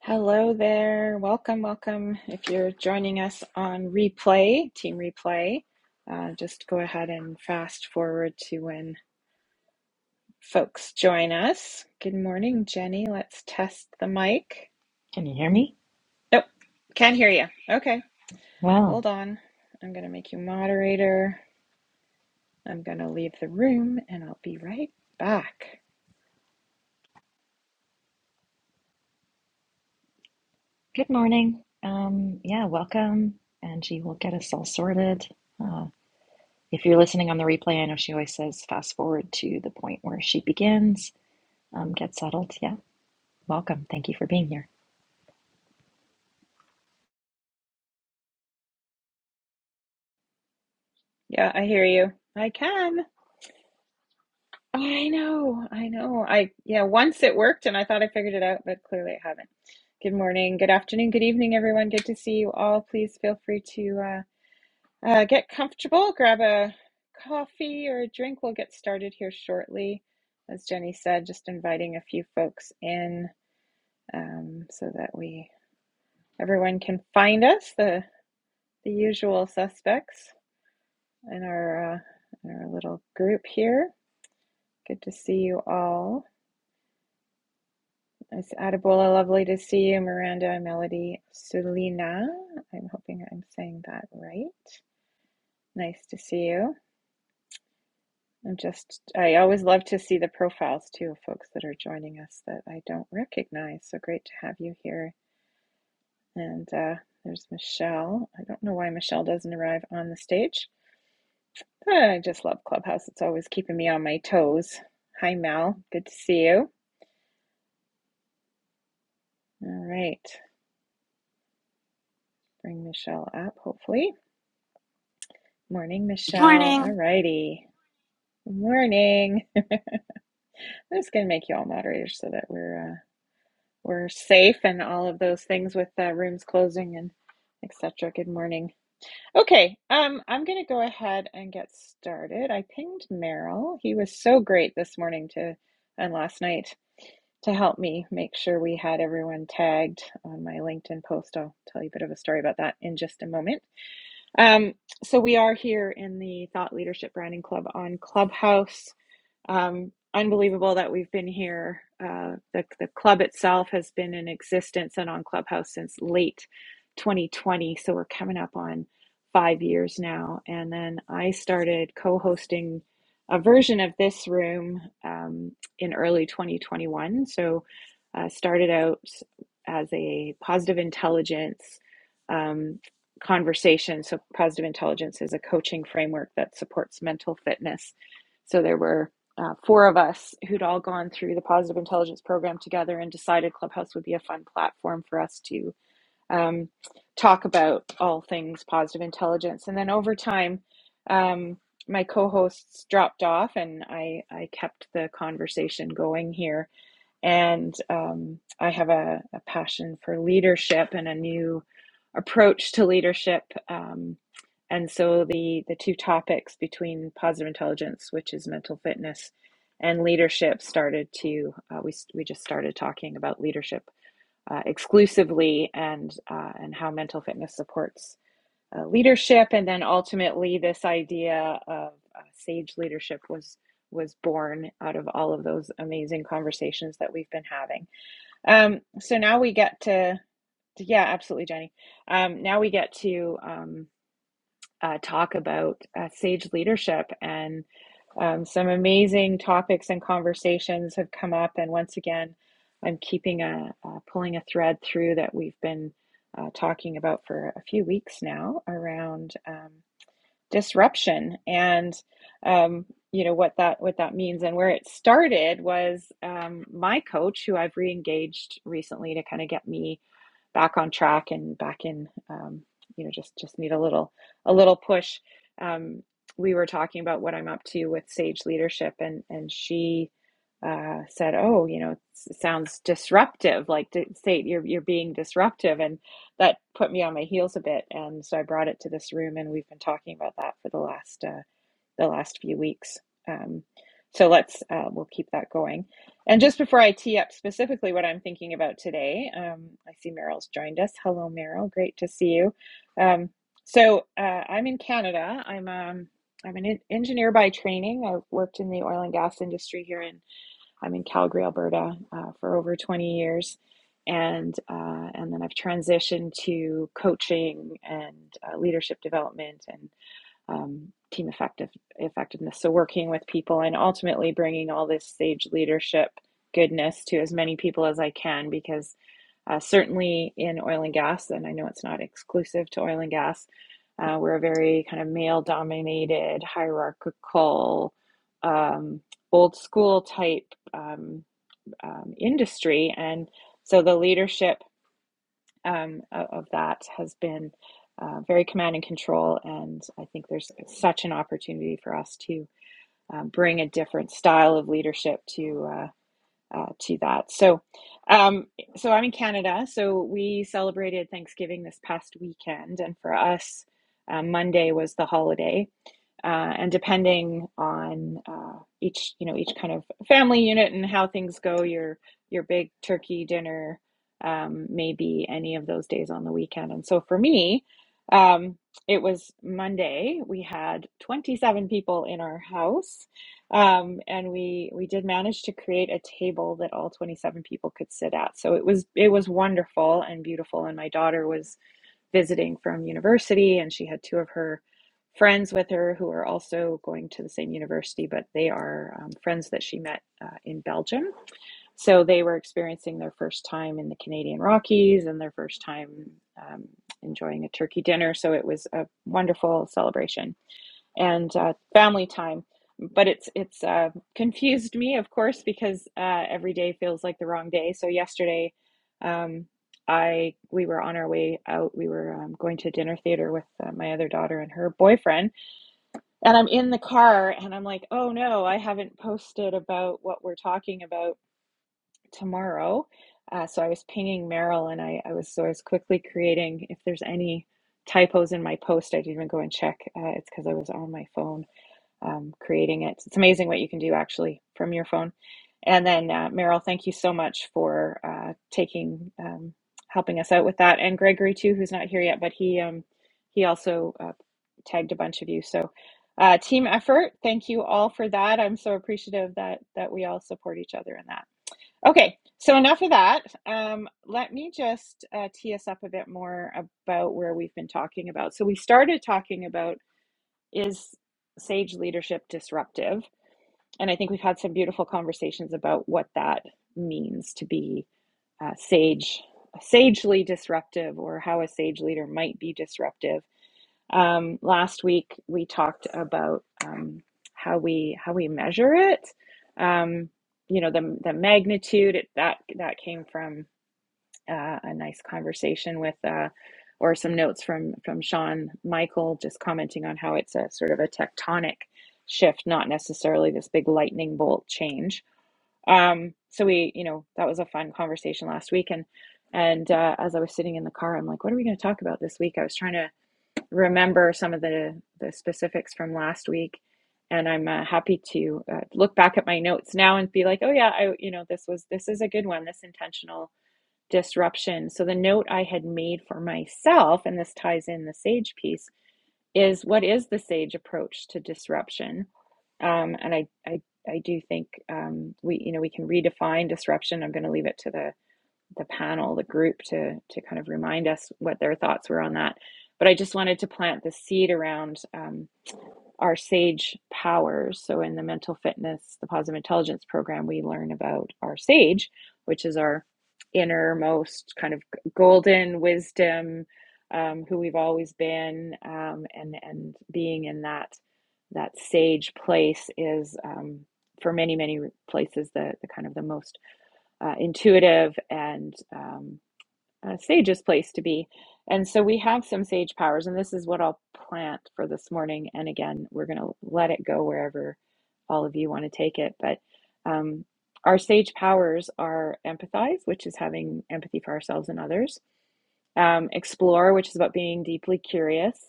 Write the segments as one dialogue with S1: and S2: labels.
S1: Hello there. Welcome, welcome. If you're joining us on replay, team replay, uh, just go ahead and fast forward to when folks join us. Good morning, Jenny. Let's test the mic.
S2: Can you hear me?
S1: Nope, can't hear you. Okay,
S2: Well,
S1: hold on. I'm going to make you moderator. I'm going to leave the room and I'll be right back.
S2: good morning. Um, yeah, welcome. Angie will get us all sorted. Uh, if you're listening on the replay, I know she always says fast forward to the point where she begins. Um, get settled. Yeah, welcome. Thank you for being here.
S1: Yeah, I hear you. I can. I know, I know. I, yeah, once it worked and I thought I figured it out, but clearly I haven't. Good morning, good afternoon, good evening, everyone. Good to see you all. Please feel free to uh, uh, get comfortable, grab a coffee or a drink. We'll get started here shortly. As Jenny said, just inviting a few folks in um, so that we everyone can find us, the the usual suspects in our uh, in our little group here. Good to see you all. It's Adebola, lovely to see you, Miranda and Melody. Selena, I'm hoping I'm saying that right. Nice to see you. I'm just, I always love to see the profiles too of folks that are joining us that I don't recognize. So great to have you here. And uh, there's Michelle. I don't know why Michelle doesn't arrive on the stage, but I just love Clubhouse. It's always keeping me on my toes. Hi, Mel. Good to see you. All right. Bring Michelle up, hopefully. Morning,
S3: Good
S1: Michelle. All
S3: morning.
S1: righty. morning. I'm just gonna make you all moderators so that we're uh, we're safe and all of those things with uh, rooms closing and etc. Good morning. Okay, um, I'm gonna go ahead and get started. I pinged Merrill. He was so great this morning to and last night to help me make sure we had everyone tagged on my LinkedIn post. I'll tell you a bit of a story about that in just a moment. Um, so we are here in the Thought Leadership Branding Club on Clubhouse. Um, unbelievable that we've been here. Uh, the, the club itself has been in existence and on Clubhouse since late 2020. So we're coming up on five years now. And then I started co hosting a version of this room um, in early 2021. So I uh, started out as a positive intelligence um, conversation. So positive intelligence is a coaching framework that supports mental fitness. So there were uh, four of us who'd all gone through the positive intelligence program together and decided Clubhouse would be a fun platform for us to um, talk about all things positive intelligence. And then over time, um, my co hosts dropped off and I, I kept the conversation going here. And um, I have a, a passion for leadership and a new approach to leadership. Um, and so the, the two topics between positive intelligence, which is mental fitness, and leadership started to, uh, we, we just started talking about leadership uh, exclusively and, uh, and how mental fitness supports uh, leadership, and then ultimately this idea of uh, sage leadership was was born out of all of those amazing conversations that we've been having. Um, so now we get to yeah, absolutely, Jenny. Um, now we get to um, uh, talk about uh, sage leadership and um, some amazing topics and conversations have come up, and once again, I'm keeping a uh, pulling a thread through that we've been uh, talking about for a few weeks now around. um, disruption and um, you know what that what that means and where it started was um, my coach who I've reengaged recently to kind of get me back on track and back in um, you know just just need a little a little push um, we were talking about what i'm up to with sage leadership and and she uh, said oh you know it sounds disruptive like to say you're, you're being disruptive and that put me on my heels a bit and so i brought it to this room and we've been talking about that for the last uh, the last few weeks. Um, so let's uh, we'll keep that going. And just before I tee up specifically what I'm thinking about today, um, I see Meryl's joined us. Hello, Meryl. Great to see you. Um, so uh, I'm in Canada. I'm um, I'm an engineer by training. I've worked in the oil and gas industry here in I'm in Calgary, Alberta, uh, for over 20 years, and uh, and then I've transitioned to coaching and uh, leadership development and um, team effective effectiveness. So working with people and ultimately bringing all this sage leadership goodness to as many people as I can because uh, certainly in oil and gas, and I know it's not exclusive to oil and gas, uh, we're a very kind of male dominated, hierarchical, um, old school type um, um, industry. And so the leadership um, of that has been uh, very command and control. And I think there's such an opportunity for us to um, bring a different style of leadership to uh, uh, to that. So, um, so I'm in Canada. So we celebrated Thanksgiving this past weekend, and for us, uh, Monday was the holiday uh, and depending on uh, each you know each kind of family unit and how things go your your big turkey dinner um, may be any of those days on the weekend and so for me um, it was monday we had 27 people in our house um, and we we did manage to create a table that all 27 people could sit at so it was it was wonderful and beautiful and my daughter was visiting from university, and she had two of her friends with her who are also going to the same university, but they are um, friends that she met uh, in Belgium. So they were experiencing their first time in the Canadian Rockies and their first time um, enjoying a turkey dinner. So it was a wonderful celebration and uh, family time. But it's it's uh, confused me, of course, because uh, every day feels like the wrong day. So yesterday, um, I we were on our way out. We were um, going to dinner theater with uh, my other daughter and her boyfriend, and I'm in the car, and I'm like, oh no, I haven't posted about what we're talking about tomorrow. Uh, so I was pinging Meryl, and I, I was so I was quickly creating if there's any typos in my post. I didn't even go and check. Uh, it's because I was on my phone um, creating it. It's amazing what you can do actually from your phone. And then, uh, Meryl, thank you so much for uh, taking um, helping us out with that, and Gregory too, who's not here yet, but he um, he also uh, tagged a bunch of you. So, uh, team effort. Thank you all for that. I'm so appreciative that that we all support each other in that. Okay, so enough of that. Um, let me just uh, tee us up a bit more about where we've been talking about. So we started talking about is sage leadership disruptive? And I think we've had some beautiful conversations about what that means to be uh, sage, sagely disruptive, or how a sage leader might be disruptive. Um, last week we talked about um, how we how we measure it. Um, you know the the magnitude it, that that came from uh, a nice conversation with uh, or some notes from from Sean Michael just commenting on how it's a sort of a tectonic shift, not necessarily this big lightning bolt change. Um, so we, you know, that was a fun conversation last week, and and uh, as I was sitting in the car, I'm like, what are we going to talk about this week? I was trying to remember some of the the specifics from last week, and I'm uh, happy to uh, look back at my notes now and be like, oh yeah, I, you know, this was this is a good one. This intentional disruption. So, the note I had made for myself, and this ties in the SAGE piece, is what is the SAGE approach to disruption? Um, and I, I, I do think um, we, you know, we can redefine disruption. I'm going to leave it to the the panel, the group, to to kind of remind us what their thoughts were on that. But I just wanted to plant the seed around um, our sage powers. So in the mental fitness, the positive intelligence program, we learn about our sage, which is our innermost kind of golden wisdom, um, who we've always been, um, and and being in that that sage place is um, for many many places the the kind of the most uh, intuitive and um, uh, sage's place to be. And so we have some sage powers, and this is what I'll plant for this morning. And again, we're going to let it go wherever all of you want to take it. But um, our sage powers are empathize, which is having empathy for ourselves and others, um, explore, which is about being deeply curious,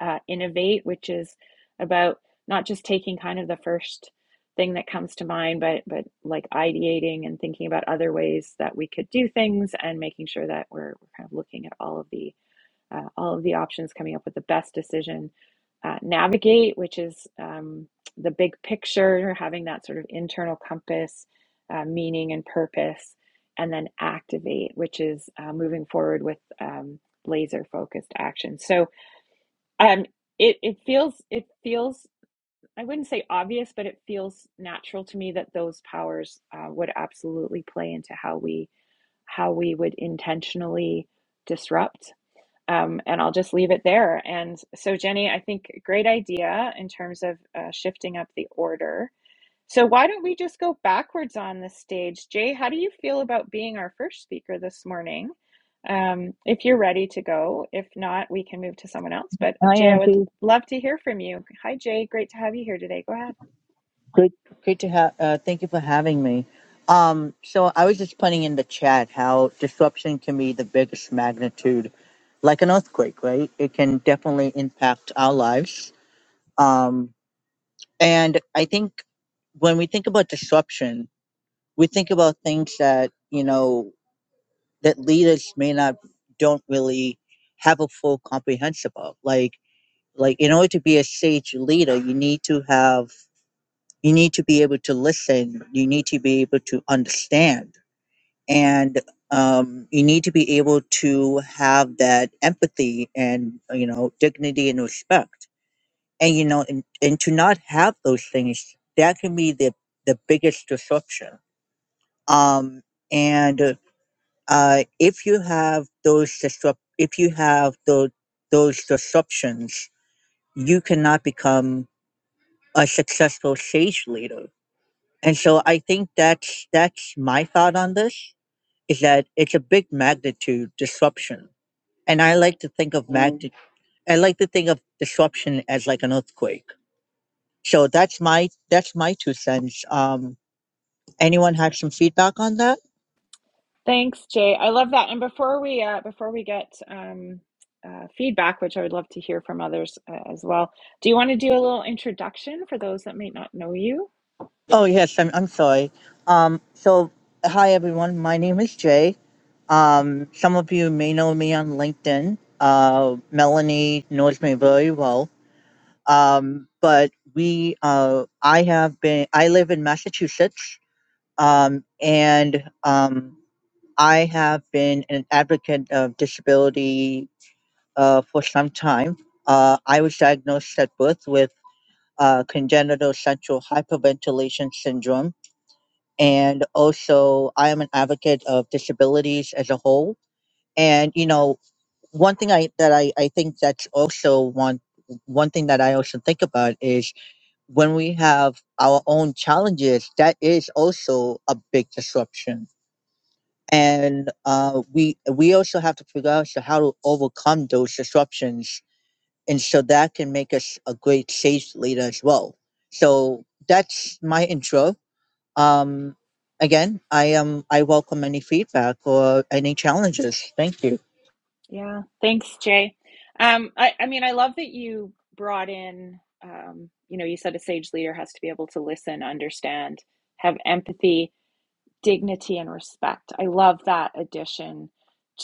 S1: uh, Innovate, which is about not just taking kind of the first thing that comes to mind, but but like ideating and thinking about other ways that we could do things, and making sure that we're, we're kind of looking at all of the uh, all of the options, coming up with the best decision. Uh, navigate, which is um, the big picture, having that sort of internal compass, uh, meaning and purpose, and then activate, which is uh, moving forward with um, laser focused action. So um, it it feels it feels I wouldn't say obvious, but it feels natural to me that those powers uh, would absolutely play into how we how we would intentionally disrupt. Um, and I'll just leave it there. And so, Jenny, I think great idea in terms of uh, shifting up the order so why don't we just go backwards on the stage? Jay, how do you feel about being our first speaker this morning? Um, if you're ready to go, if not, we can move to someone else. But
S4: Hi,
S1: Jay, I would
S4: Angie.
S1: love to hear from you. Hi, Jay. Great to have you here today. Go ahead.
S4: Good, good to have. Uh, thank you for having me. Um, so I was just putting in the chat how disruption can be the biggest magnitude, like an earthquake, right? It can definitely impact our lives. Um, and I think when we think about disruption, we think about things that you know that leaders may not don't really have a full comprehensive of. Like, like in order to be a sage leader, you need to have you need to be able to listen you need to be able to understand and um, you need to be able to have that empathy and you know dignity and respect and you know and, and to not have those things that can be the the biggest disruption um and uh if you have those disrupt if you have those those disruptions you cannot become a successful sage leader And so I think that's that's my thought on this is that it's a big magnitude disruption. And I like to think of magnitude I like to think of disruption as like an earthquake. So that's my that's my two cents. Um anyone have some feedback on that?
S1: Thanks, Jay. I love that. And before we uh, before we get um, uh, feedback, which I would love to hear from others uh, as well, do you want to do a little introduction for those that may not know you?
S4: Oh yes, I'm I'm sorry. Um so hi everyone, my name is Jay. Um some of you may know me on LinkedIn. Uh Melanie knows me very well Um, but we, uh, I have been, I live in Massachusetts, um, and um, I have been an advocate of disability uh, for some time. Uh, I was diagnosed at birth with uh, congenital central hyperventilation syndrome, and also I am an advocate of disabilities as a whole. And you know, one thing I that I, I think that's also one one thing that I also think about is when we have our own challenges, that is also a big disruption. And uh, we we also have to figure out so how to overcome those disruptions, and so that can make us a great sales leader as well. So that's my intro. Um, again, I am I welcome any feedback or any challenges. Thank you.
S1: Yeah. Thanks, Jay. Um, I, I mean, I love that you brought in, um, you know, you said a sage leader has to be able to listen, understand, have empathy, dignity, and respect. I love that addition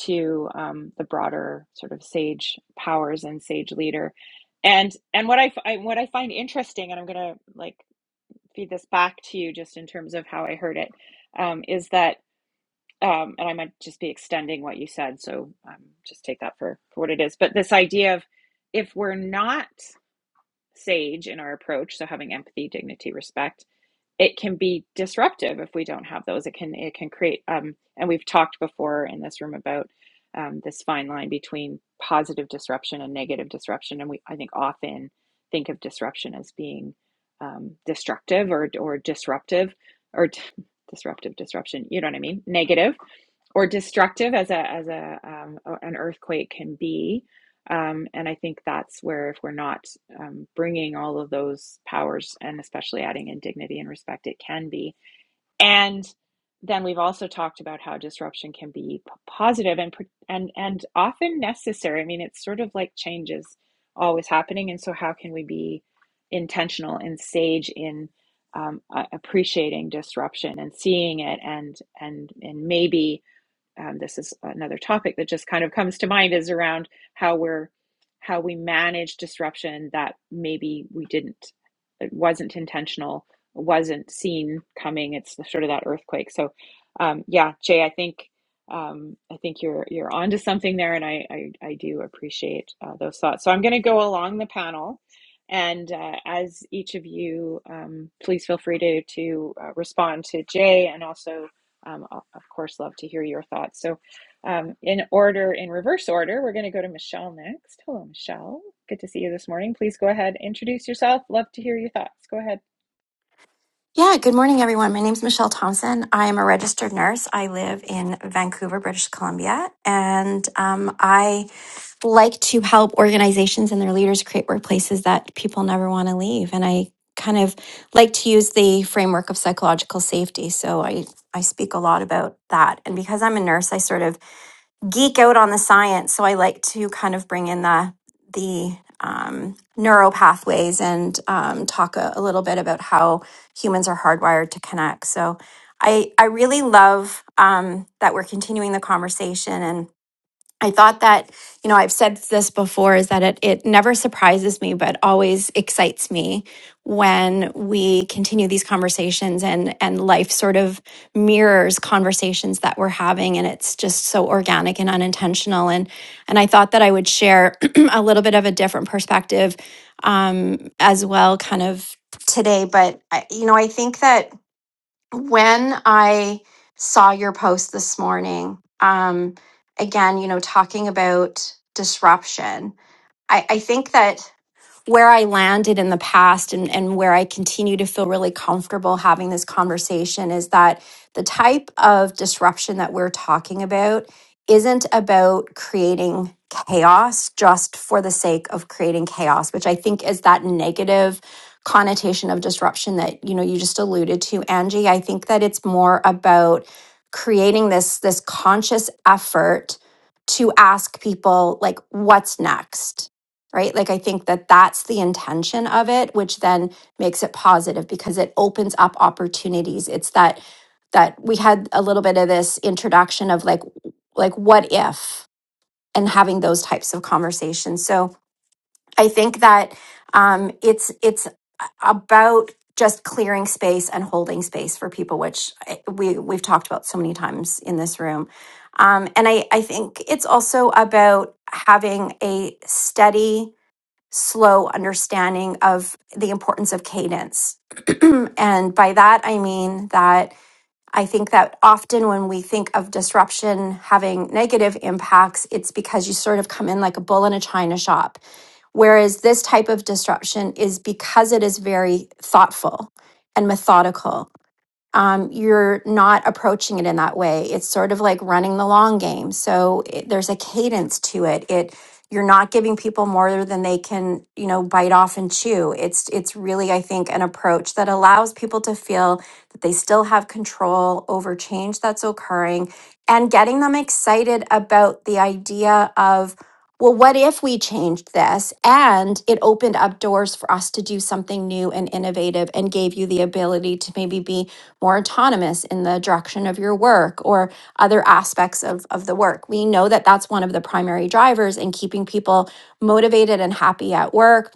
S1: to um, the broader sort of sage powers and sage leader. And and what I, f- I- what I find interesting, and I'm gonna like feed this back to you just in terms of how I heard it, um, is that um, and I might just be extending what you said, so um, just take that for, for what it is. But this idea of if we're not sage in our approach, so having empathy, dignity, respect, it can be disruptive if we don't have those. It can it can create, um, and we've talked before in this room about um, this fine line between positive disruption and negative disruption, and we I think often think of disruption as being um, destructive or or disruptive or disruptive disruption. You know what I mean? Negative or destructive as a as a um, an earthquake can be. Um, and I think that's where if we're not um, bringing all of those powers and especially adding in dignity and respect, it can be. And then we've also talked about how disruption can be positive and and and often necessary. I mean, it's sort of like change is always happening, and so how can we be intentional and sage in um, uh, appreciating disruption and seeing it and and and maybe um, this is another topic that just kind of comes to mind is around how we're how we manage disruption that maybe we didn't it wasn't intentional wasn't seen coming it's the- sort of that earthquake so um, yeah jay i think um, i think you're you're onto something there and i i, I do appreciate uh, those thoughts so i'm going to go along the panel and uh, as each of you um, please feel free to to uh, respond to jay and also um, I'll, of course, love to hear your thoughts. So, um, in order, in reverse order, we're going to go to Michelle next. Hello, Michelle. Good to see you this morning. Please go ahead, introduce yourself. Love to hear your thoughts. Go ahead.
S3: Yeah, good morning, everyone. My name's Michelle Thompson. I am a registered nurse. I live in Vancouver, British Columbia, and um, I like to help organizations and their leaders create workplaces that people never want to leave. And I kind of like to use the framework of psychological safety. So I, I speak a lot about that. And because I'm a nurse, I sort of geek out on the science, so I like to kind of bring in the the um, neural pathways and um, talk a, a little bit about how humans are hardwired to connect. So I I really love um, that we're continuing the conversation and I thought that, you know, I've said this before is that it, it never surprises me, but always excites me when we continue these conversations and, and life sort of mirrors conversations that we're having. And it's just so organic and unintentional. And, and I thought that I would share a little bit of a different perspective um, as well, kind of today. But, I, you know, I think that when I saw your post this morning, um, again, you know, talking about disruption, I, I think that where I landed in the past and, and where I continue to feel really comfortable having this conversation is that the type of disruption that we're talking about isn't about creating chaos just for the sake of creating chaos, which I think is that negative connotation of disruption that you know you just alluded to Angie I think that it's more about creating this this conscious effort to ask people like what's next right? Like I think that that's the intention of it, which then makes it positive because it opens up opportunities. It's that that we had a little bit of this introduction of like like what if and having those types of conversations. So I think that um, it's it's about just clearing space and holding space for people, which I- we we've talked about so many times in this room. Um, and I, I think it's also about having a steady slow understanding of the importance of cadence. and by that, I mean that I think that often when we think of disruption having negative impacts, it's because you sort of come in like a bull in a china shop. Whereas this type of disruption is because it is very thoughtful and methodical um, you're not approaching it in that way. It's sort of like running the long game. So it, there's a cadence to it. It you're not giving people more than they can, you know, bite off and chew. It's it's really, I think, an approach that allows people to feel that they still have control over change that's occurring and getting them excited about the idea of well, what if we changed this and it opened up doors for us to do something new and innovative and gave you the ability to maybe be more autonomous in the direction of your work or other aspects of, of the work. We know that that's one of the primary drivers in keeping people motivated and happy at work,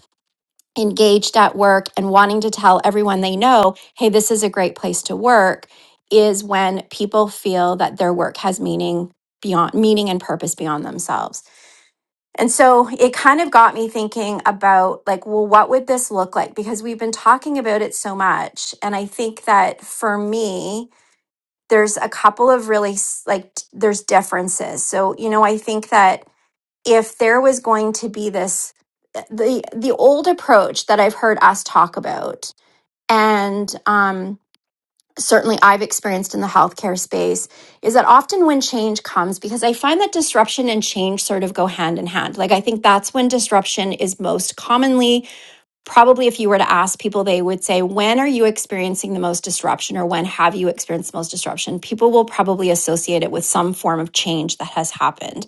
S3: engaged at work, and wanting to tell everyone they know, hey, this is a great place to work, is when people feel that their work has meaning beyond meaning and purpose beyond themselves. And so it kind of got me thinking about like, well, what would this look like? Because we've been talking about it so much. And I think that for me, there's a couple of really like there's differences so you know i think that if there was going to be this eh, the the old approach that i've heard us talk about and um certainly i've experienced in the healthcare space is that often when change comes because i find that disruption and change sort of go hand in hand like i think that's when disruption is most commonly probably if you were to ask people, they would say, When are you experiencing the most disruption or when have you experienced the most disruption? People will probably associate it with some form of change that has happened.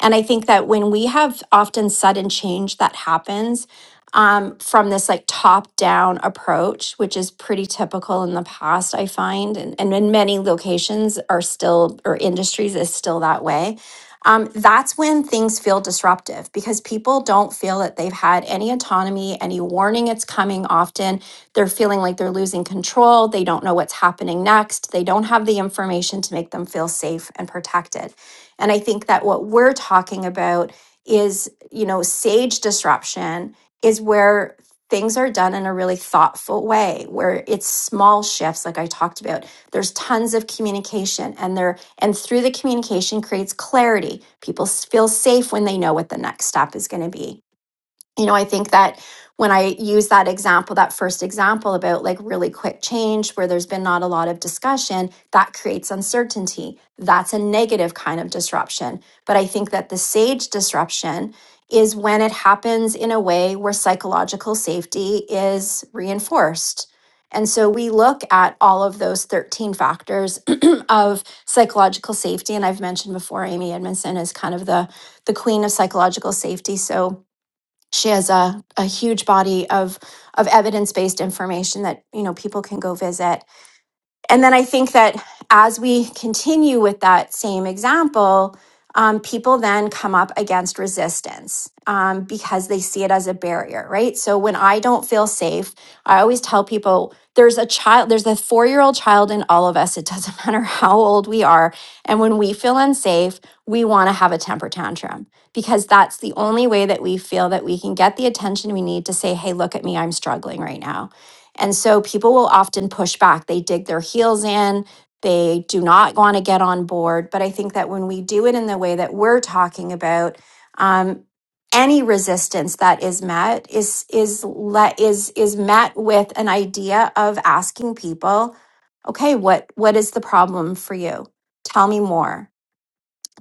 S3: And I think that when we have often sudden change that happens um, from this like top down approach, which is pretty typical in the past, I find, and, and in many locations are still, or industries is still that way um, that's when things feel disruptive because people don't feel that they've had any autonomy, any warning it's coming often. They're feeling like they're losing control. They don't know what's happening next. They don't have the information to make them feel safe and protected. And I think that what we're talking about is, you know, sage disruption is where things are done in a really thoughtful way, where it's small shifts, like I talked about. There's tons of communication and there and through the communication creates clarity. People feel safe when they know what the next step is going to be you know, I think that when I use that example, that first example about like really quick change where there's been not a lot of discussion, that creates uncertainty. That's a negative kind of disruption. But I think that the sage disruption is when it happens in a way where psychological safety is reinforced. And so we look at all of those 13 factors of psychological safety. And I've mentioned before, Amy Edmondson is kind of the, the queen of psychological safety. So she has a, a huge body of of evidence based information that you know people can go visit and then I think that as we continue with that same example, um, people then come up against resistance um, because they see it as a barrier, right? So when I don't feel safe, I always tell people there's a child, there's a four year old child in all of us. It doesn't matter how old we are. And when we feel unsafe, we want to have a temper tantrum because that's the only way that we feel that we can get the attention we need to say, hey, look at me, I'm struggling right now and so people will often push back. They dig their heels in. They do not want to get on board. But I think that when we do it in the way that we're talking about, um, any resistance that is met is is let is is met with an idea of asking people, okay, what what is the problem for you? Tell me more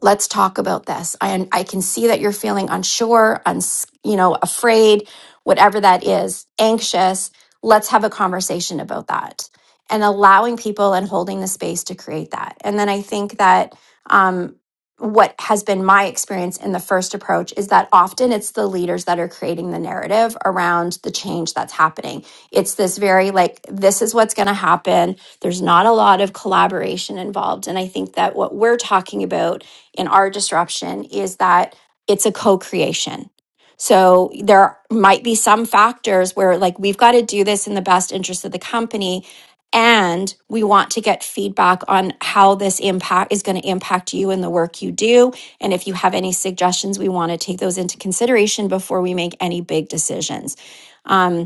S3: let's talk about this. I I can see that you're feeling unsure, uns, you know, afraid, whatever that is, anxious. Let's have a conversation about that and allowing people and holding the space to create that. And then I think that um what has been my experience in the first approach is that often it's the leaders that are creating the narrative around the change that's happening. It's this very like this is what's going to happen. There's not a lot of collaboration involved and I think that what we're talking about in our disruption is that it's a co creation. So there might be some factors where, like, we've got to do this in the best interest of the company. And we want to get feedback on how this impact is going to impact you and the work you do. And if you have any suggestions, we want to take those into consideration before we make any big decisions. Um,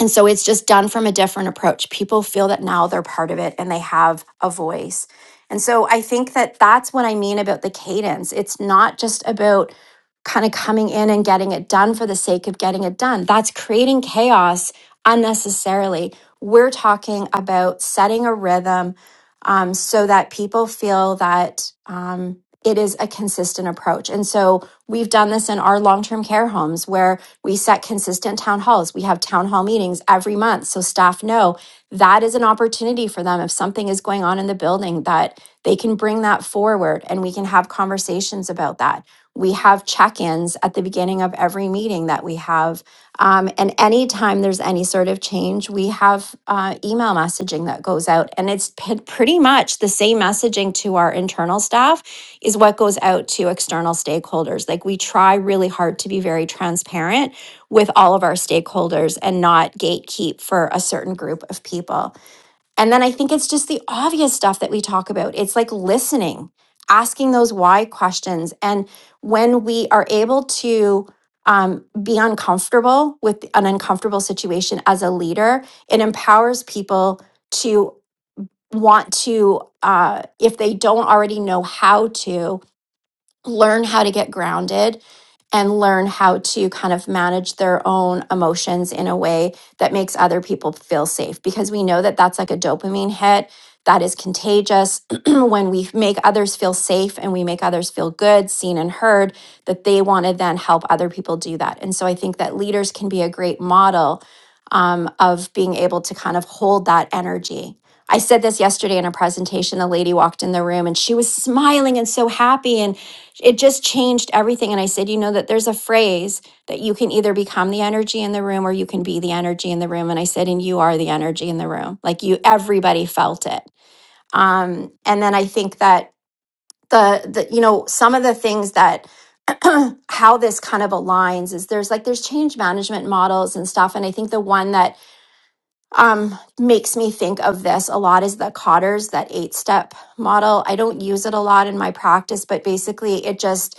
S3: and so it's just done from a different approach. People feel that now they're part of it and they have a voice. And so I think that that's what I mean about the cadence. It's not just about kind of coming in and getting it done for the sake of getting it done. That's creating chaos unnecessarily. We're talking about setting a rhythm um, so that people feel that. Um, it is a consistent approach. And so we've done this in our long term care homes where we set consistent town halls. We have town hall meetings every month. So staff know that is an opportunity for them. If something is going on in the building, that they can bring that forward and we can have conversations about that. We have check ins at the beginning of every meeting that we have. Um, and anytime there's any sort of change, we have uh, email messaging that goes out. And it's p- pretty much the same messaging to our internal staff is what goes out to external stakeholders. Like we try really hard to be very transparent with all of our stakeholders and not gatekeep for a certain group of people. And then I think it's just the obvious stuff that we talk about. It's like listening, asking those why questions. And when we are able to um, be uncomfortable with an uncomfortable situation as a leader, it empowers people to want to, uh, if they don't already know how to, learn how to get grounded and learn how to kind of manage their own emotions in a way that makes other people feel safe because we know that that's like a dopamine hit that is contagious when we make others feel safe and we make others feel good seen and heard that they want to then help other people do that and so i think that leaders can be a great model um, of being able to kind of hold that energy I said this yesterday in a presentation. The lady walked in the room and she was smiling and so happy. and it just changed everything. And I said, you know, that there's a phrase that you can either become the energy in the room or you can be the energy in the room. And I said, and you are the energy in the room. Like you, everybody felt it. Um, and then I think that the, the, you know, some of the things that, how this kind of aligns is there's like there's change management models and stuff and i think the one that um, makes me think of this a lot is the cotters that eight step model i don't use it a lot in my practice but basically it just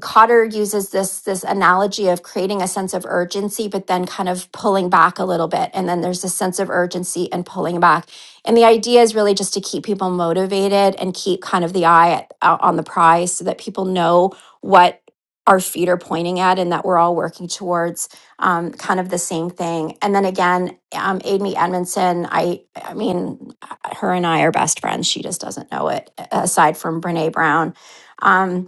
S3: Cotter uses this this analogy of creating a sense of urgency, but then kind of pulling back a little bit, and then there's a sense of urgency and pulling back. And the idea is really just to keep people motivated and keep kind of the eye at, out on the prize, so that people know what our feet are pointing at, and that we're all working towards um, kind of the same thing. And then again, um, Amy Edmondson, I I mean, her and I are best friends. She just doesn't know it. Aside from Brene Brown. Um,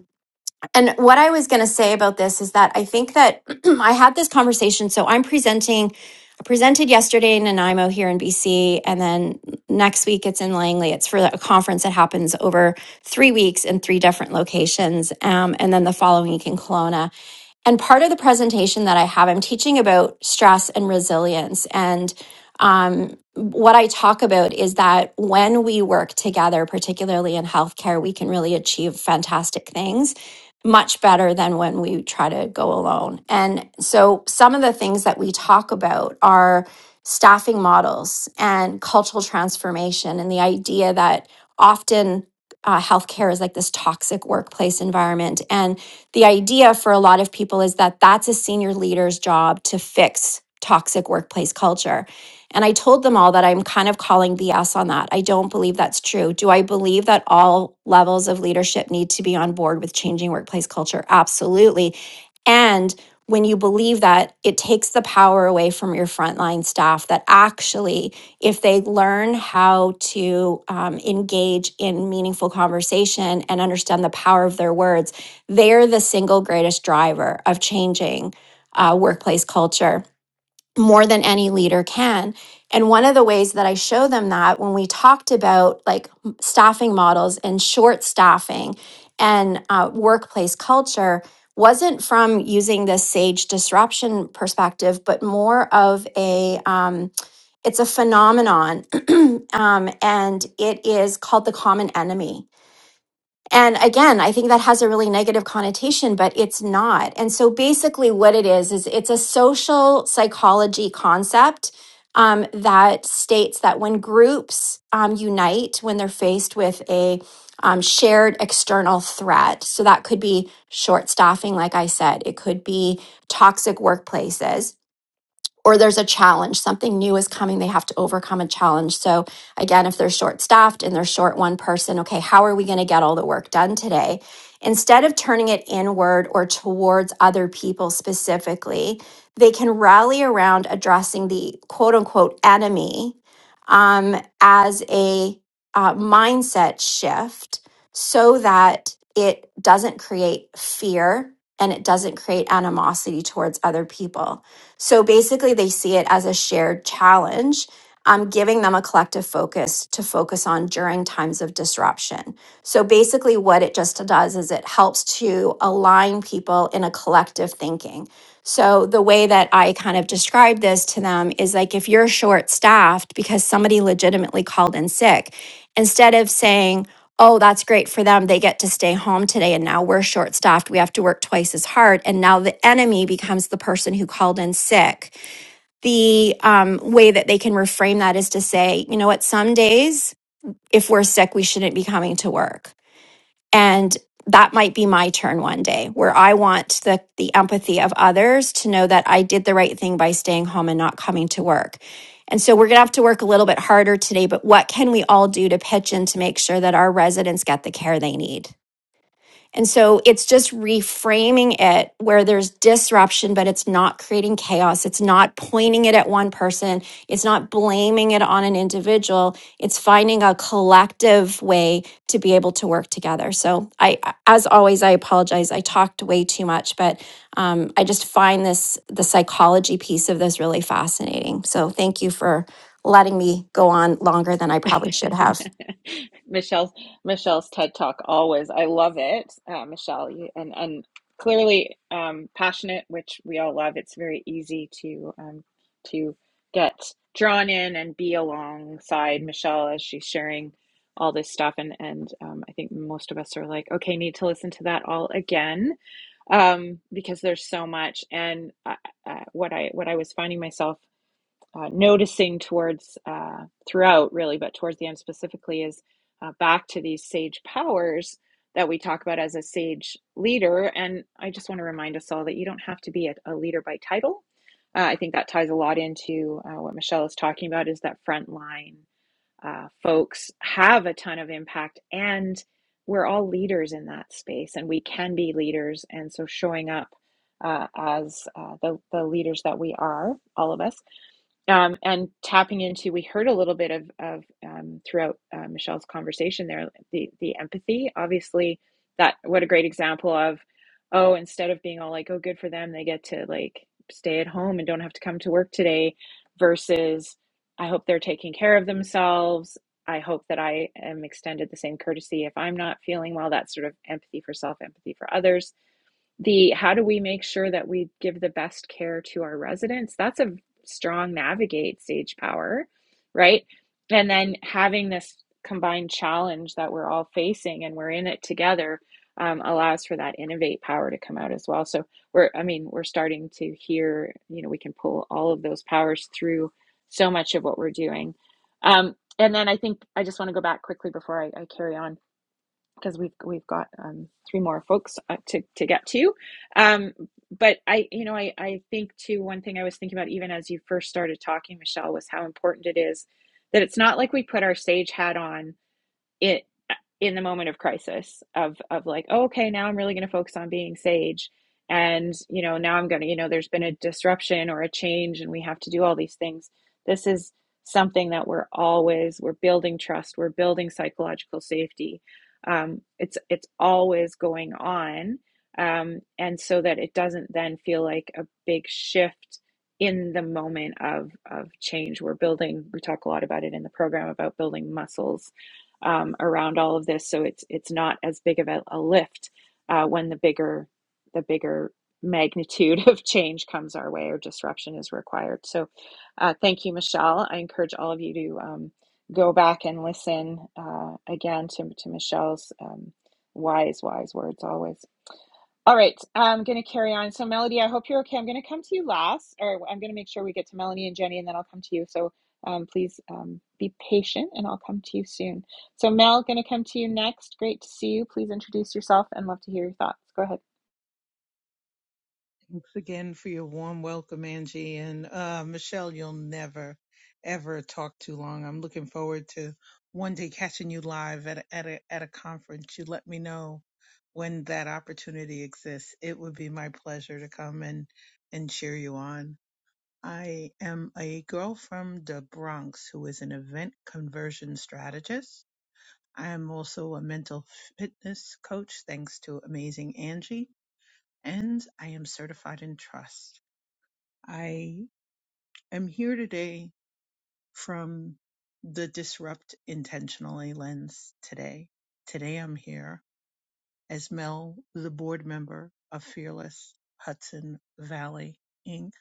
S3: and what I was going to say about this is that I think that I had this conversation. So I'm presenting, I presented yesterday in Nanaimo here in BC, and then next week it's in Langley. It's for a conference that happens over three weeks in three different locations, um, and then the following week in Kelowna. And part of the presentation that I have, I'm teaching about stress and resilience. And um, what I talk about is that when we work together, particularly in healthcare, we can really achieve fantastic things much better than when we try to go alone. And so some of the things that we talk about are staffing models and cultural transformation and the idea that often uh, healthcare is like this toxic workplace environment. And the idea for a lot of people is that that's a senior leader's job to fix toxic workplace culture. And I told them all that I'm kind of calling BS on that. I don't believe that's true. Do I believe that all levels of leadership need to be on board with changing workplace culture? Absolutely. And when you believe that, it takes the power away from your frontline staff that actually, if they learn how to um, engage in meaningful conversation and understand the power of their words, they're the single greatest driver of changing uh, workplace culture more than any leader can. And one of the ways that I show them that when we talked about like m- staffing models and short staffing and uh, workplace culture wasn't from using this sage disruption perspective, but more of a um, it's a phenomenon, um, and it is called the common enemy. And again, I think that has a really negative connotation, but it's not. And so basically, what it is, is it's a social psychology concept um, that states that when groups um, unite, when they're faced with a um, shared external threat, so that could be short staffing, like I said, it could be toxic workplaces or there's a challenge, something new is coming, they have to overcome a challenge. So, again, if they're short staffed and they're short one person, okay, how are we going to get all the work done today? Instead of turning it inward or towards other people specifically, they can rally around addressing the quote unquote enemy um, as a uh, mindset shift so that it doesn't create fear and it doesn't create animosity towards other people so basically, they see it as a shared challenge, um, giving them a collective focus to focus on during times of disruption. So basically, what it just does is it helps to align people in a collective thinking. So the way that I kind of describe this to them is like if you're short staffed because somebody legitimately called in sick, instead of saying, oh, that's great for them. They get to stay home today. And now we're short staffed. We have to work twice as hard. And now the enemy becomes the person who called in sick. The um, way that they can reframe that is to say, you know what, some days, if we're sick, we shouldn't be coming to work and that might be my turn one day where i want the the empathy of others to know that i did the right thing by staying home and not coming to work and so we're going to have to work a little bit harder today but what can we all do to pitch in to make sure that our residents get the care they need and so it's just reframing it where there's disruption, but it's not creating chaos. It's not pointing it at one person. It's not blaming it on an individual. It's finding a collective way to be able to work together. So I, as always, I apologize. I talked way too much, but um, I just find this, the psychology piece of this really fascinating. So thank you for letting me go on longer than I probably should have.
S1: Michelle's Michelle's TED Talk always. I love it, uh, Michelle. You, and and clearly um, passionate, which we all love. It's very easy to um, to get drawn in and be alongside Michelle as she's sharing all this stuff. And and um, I think most of us are like, okay, need to listen to that all again um, because there's so much. And uh, uh, what I what I was finding myself uh, noticing towards uh, throughout, really, but towards the end specifically, is uh, back to these sage powers that we talk about as a sage leader. And I just want to remind us all that you don't have to be a, a leader by title. Uh, I think that ties a lot into uh, what Michelle is talking about is that frontline uh, folks have a ton of impact, and we're all leaders in that space, and we can be leaders. And so showing up uh, as uh, the, the leaders that we are, all of us, um, and tapping into we heard a little bit of, of um, throughout uh, michelle's conversation there the, the empathy obviously that what a great example of oh instead of being all like oh good for them they get to like stay at home and don't have to come to work today versus i hope they're taking care of themselves i hope that i am extended the same courtesy if i'm not feeling well that sort of empathy for self empathy for others the how do we make sure that we give the best care to our residents that's a strong navigate stage power right and then having this combined challenge that we're all facing and we're in it together um, allows for that innovate power to come out as well so we're i mean we're starting to hear you know we can pull all of those powers through so much of what we're doing um, and then i think i just want to go back quickly before i, I carry on because we've we've got um, three more folks uh, to to get to. Um, but I, you know, I I think too. One thing I was thinking about even as you first started talking, Michelle, was how important it is that it's not like we put our sage hat on it in the moment of crisis of of like oh, okay now i'm really going to focus on being sage and you know now i'm going to you know there's been a disruption or a change and we have to do all these things this is something that we're always we're building trust we're building psychological safety um, it's it's always going on um, and so that it doesn't then feel like a big shift in the moment of of change we're building we talk a lot about it in the program about building muscles um, around all of this. So it's it's not as big of a, a lift uh, when the bigger the bigger magnitude of change comes our way or disruption is required. So uh, thank you, Michelle. I encourage all of you to um, go back and listen uh, again to to Michelle's um, wise wise words always. All right, I'm going to carry on. So, Melody, I hope you're okay. I'm going to come to you last, or I'm going to make sure we get to Melanie and Jenny, and then I'll come to you. So, um, please um, be patient, and I'll come to you soon. So, Mel, going to come to you next. Great to see you. Please introduce yourself and love to hear your thoughts. Go ahead.
S5: Thanks again for your warm welcome, Angie. And uh, Michelle, you'll never, ever talk too long. I'm looking forward to one day catching you live at a, at a, at a conference. You let me know when that opportunity exists. It would be my pleasure to come and, and cheer you on. I am a girl from the Bronx who is an event conversion strategist. I am also a mental fitness coach, thanks to amazing Angie, and I am certified in trust. I am here today from the Disrupt Intentionally lens today. Today I'm here as Mel, the board member of Fearless Hudson Valley Inc.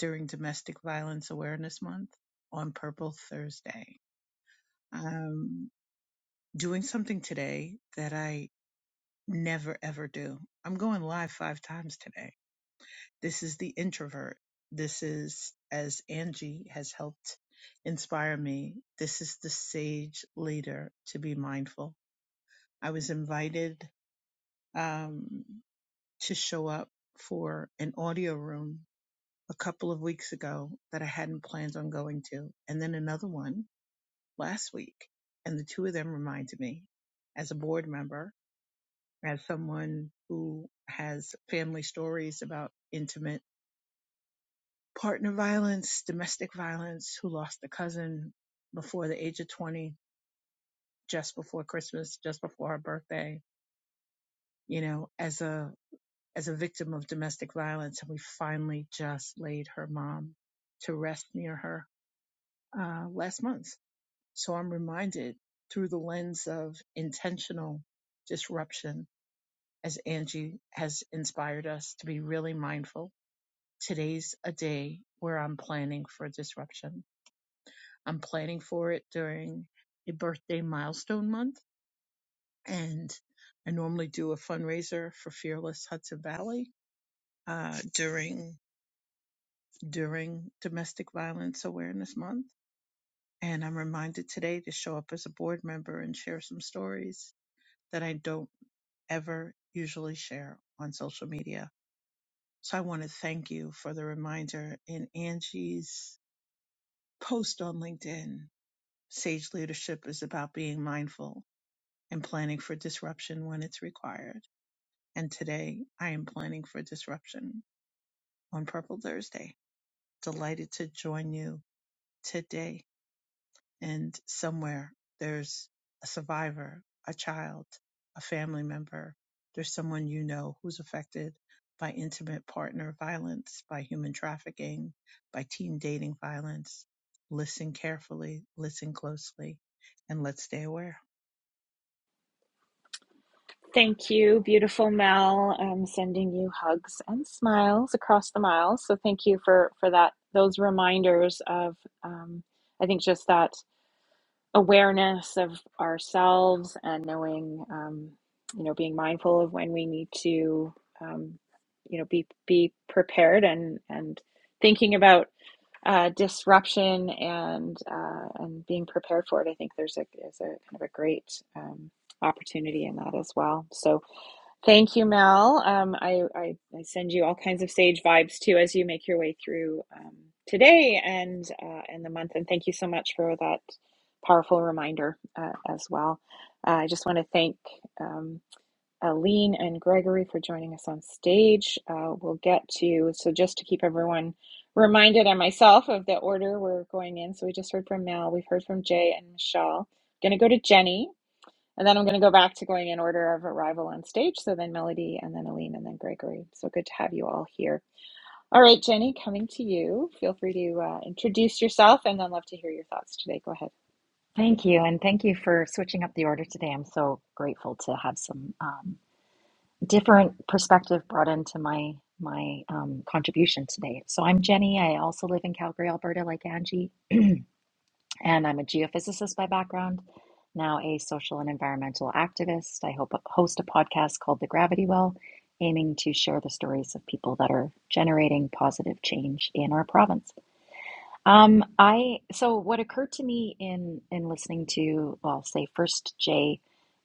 S5: during Domestic Violence Awareness Month on Purple Thursday. I'm doing something today that I never ever do. I'm going live five times today. This is the introvert. This is, as Angie has helped inspire me, this is the sage leader to be mindful. I was invited um, to show up for an audio room a couple of weeks ago that I hadn't planned on going to, and then another one last week. And the two of them reminded me, as a board member, as someone who has family stories about intimate partner violence, domestic violence, who lost a cousin before the age of 20, just before Christmas, just before her birthday, you know, as a, as a victim of domestic violence. And we finally just laid her mom to rest near her, uh, last month. So I'm reminded through the lens of intentional disruption as Angie has inspired us to be really mindful. Today's a day where I'm planning for disruption I'm planning for it during a birthday milestone month, and I normally do a fundraiser for Fearless Hudson Valley uh, during during Domestic Violence Awareness Month. And I'm reminded today to show up as a board member and share some stories that I don't ever usually share on social media. So I want to thank you for the reminder in Angie's post on LinkedIn. Sage leadership is about being mindful and planning for disruption when it's required. And today I am planning for disruption on Purple Thursday. Delighted to join you today. And somewhere there's a survivor, a child, a family member. There's someone you know who's affected by intimate partner violence, by human trafficking, by teen dating violence. Listen carefully, listen closely, and let's stay aware.
S1: Thank you, beautiful Mel. I'm sending you hugs and smiles across the miles. So, thank you for for that. Those reminders of, um, I think, just that awareness of ourselves and knowing, um, you know, being mindful of when we need to, um, you know, be be prepared and and thinking about uh, disruption and uh, and being prepared for it. I think there's a is a kind of a great um, opportunity in that as well. So Thank you, Mel. Um, I, I, I send you all kinds of sage vibes too as you make your way through um, today and uh, and the month. And thank you so much for that powerful reminder uh, as well. Uh, I just want to thank um, Aline and Gregory for joining us on stage. Uh, we'll get to so just to keep everyone reminded and myself of the order we're going in. So we just heard from Mel. We've heard from Jay and Michelle. Going to go to Jenny. And then I'm going to go back to going in order of arrival on stage. So then Melody, and then Aline, and then Gregory. So good to have you all here. All right, Jenny, coming to you. Feel free to uh, introduce yourself and then love to hear your thoughts today. Go ahead.
S2: Thank you, and thank you for switching up the order today. I'm so grateful to have some um, different perspective brought into my my um, contribution today. So I'm Jenny. I also live in Calgary, Alberta, like Angie. and I'm a geophysicist by background, now a social and environmental activist. I hope host a podcast called The Gravity Well, aiming to share the stories of people that are generating positive change in our province. Um, I so what occurred to me in in listening to, well, I'll say first Jay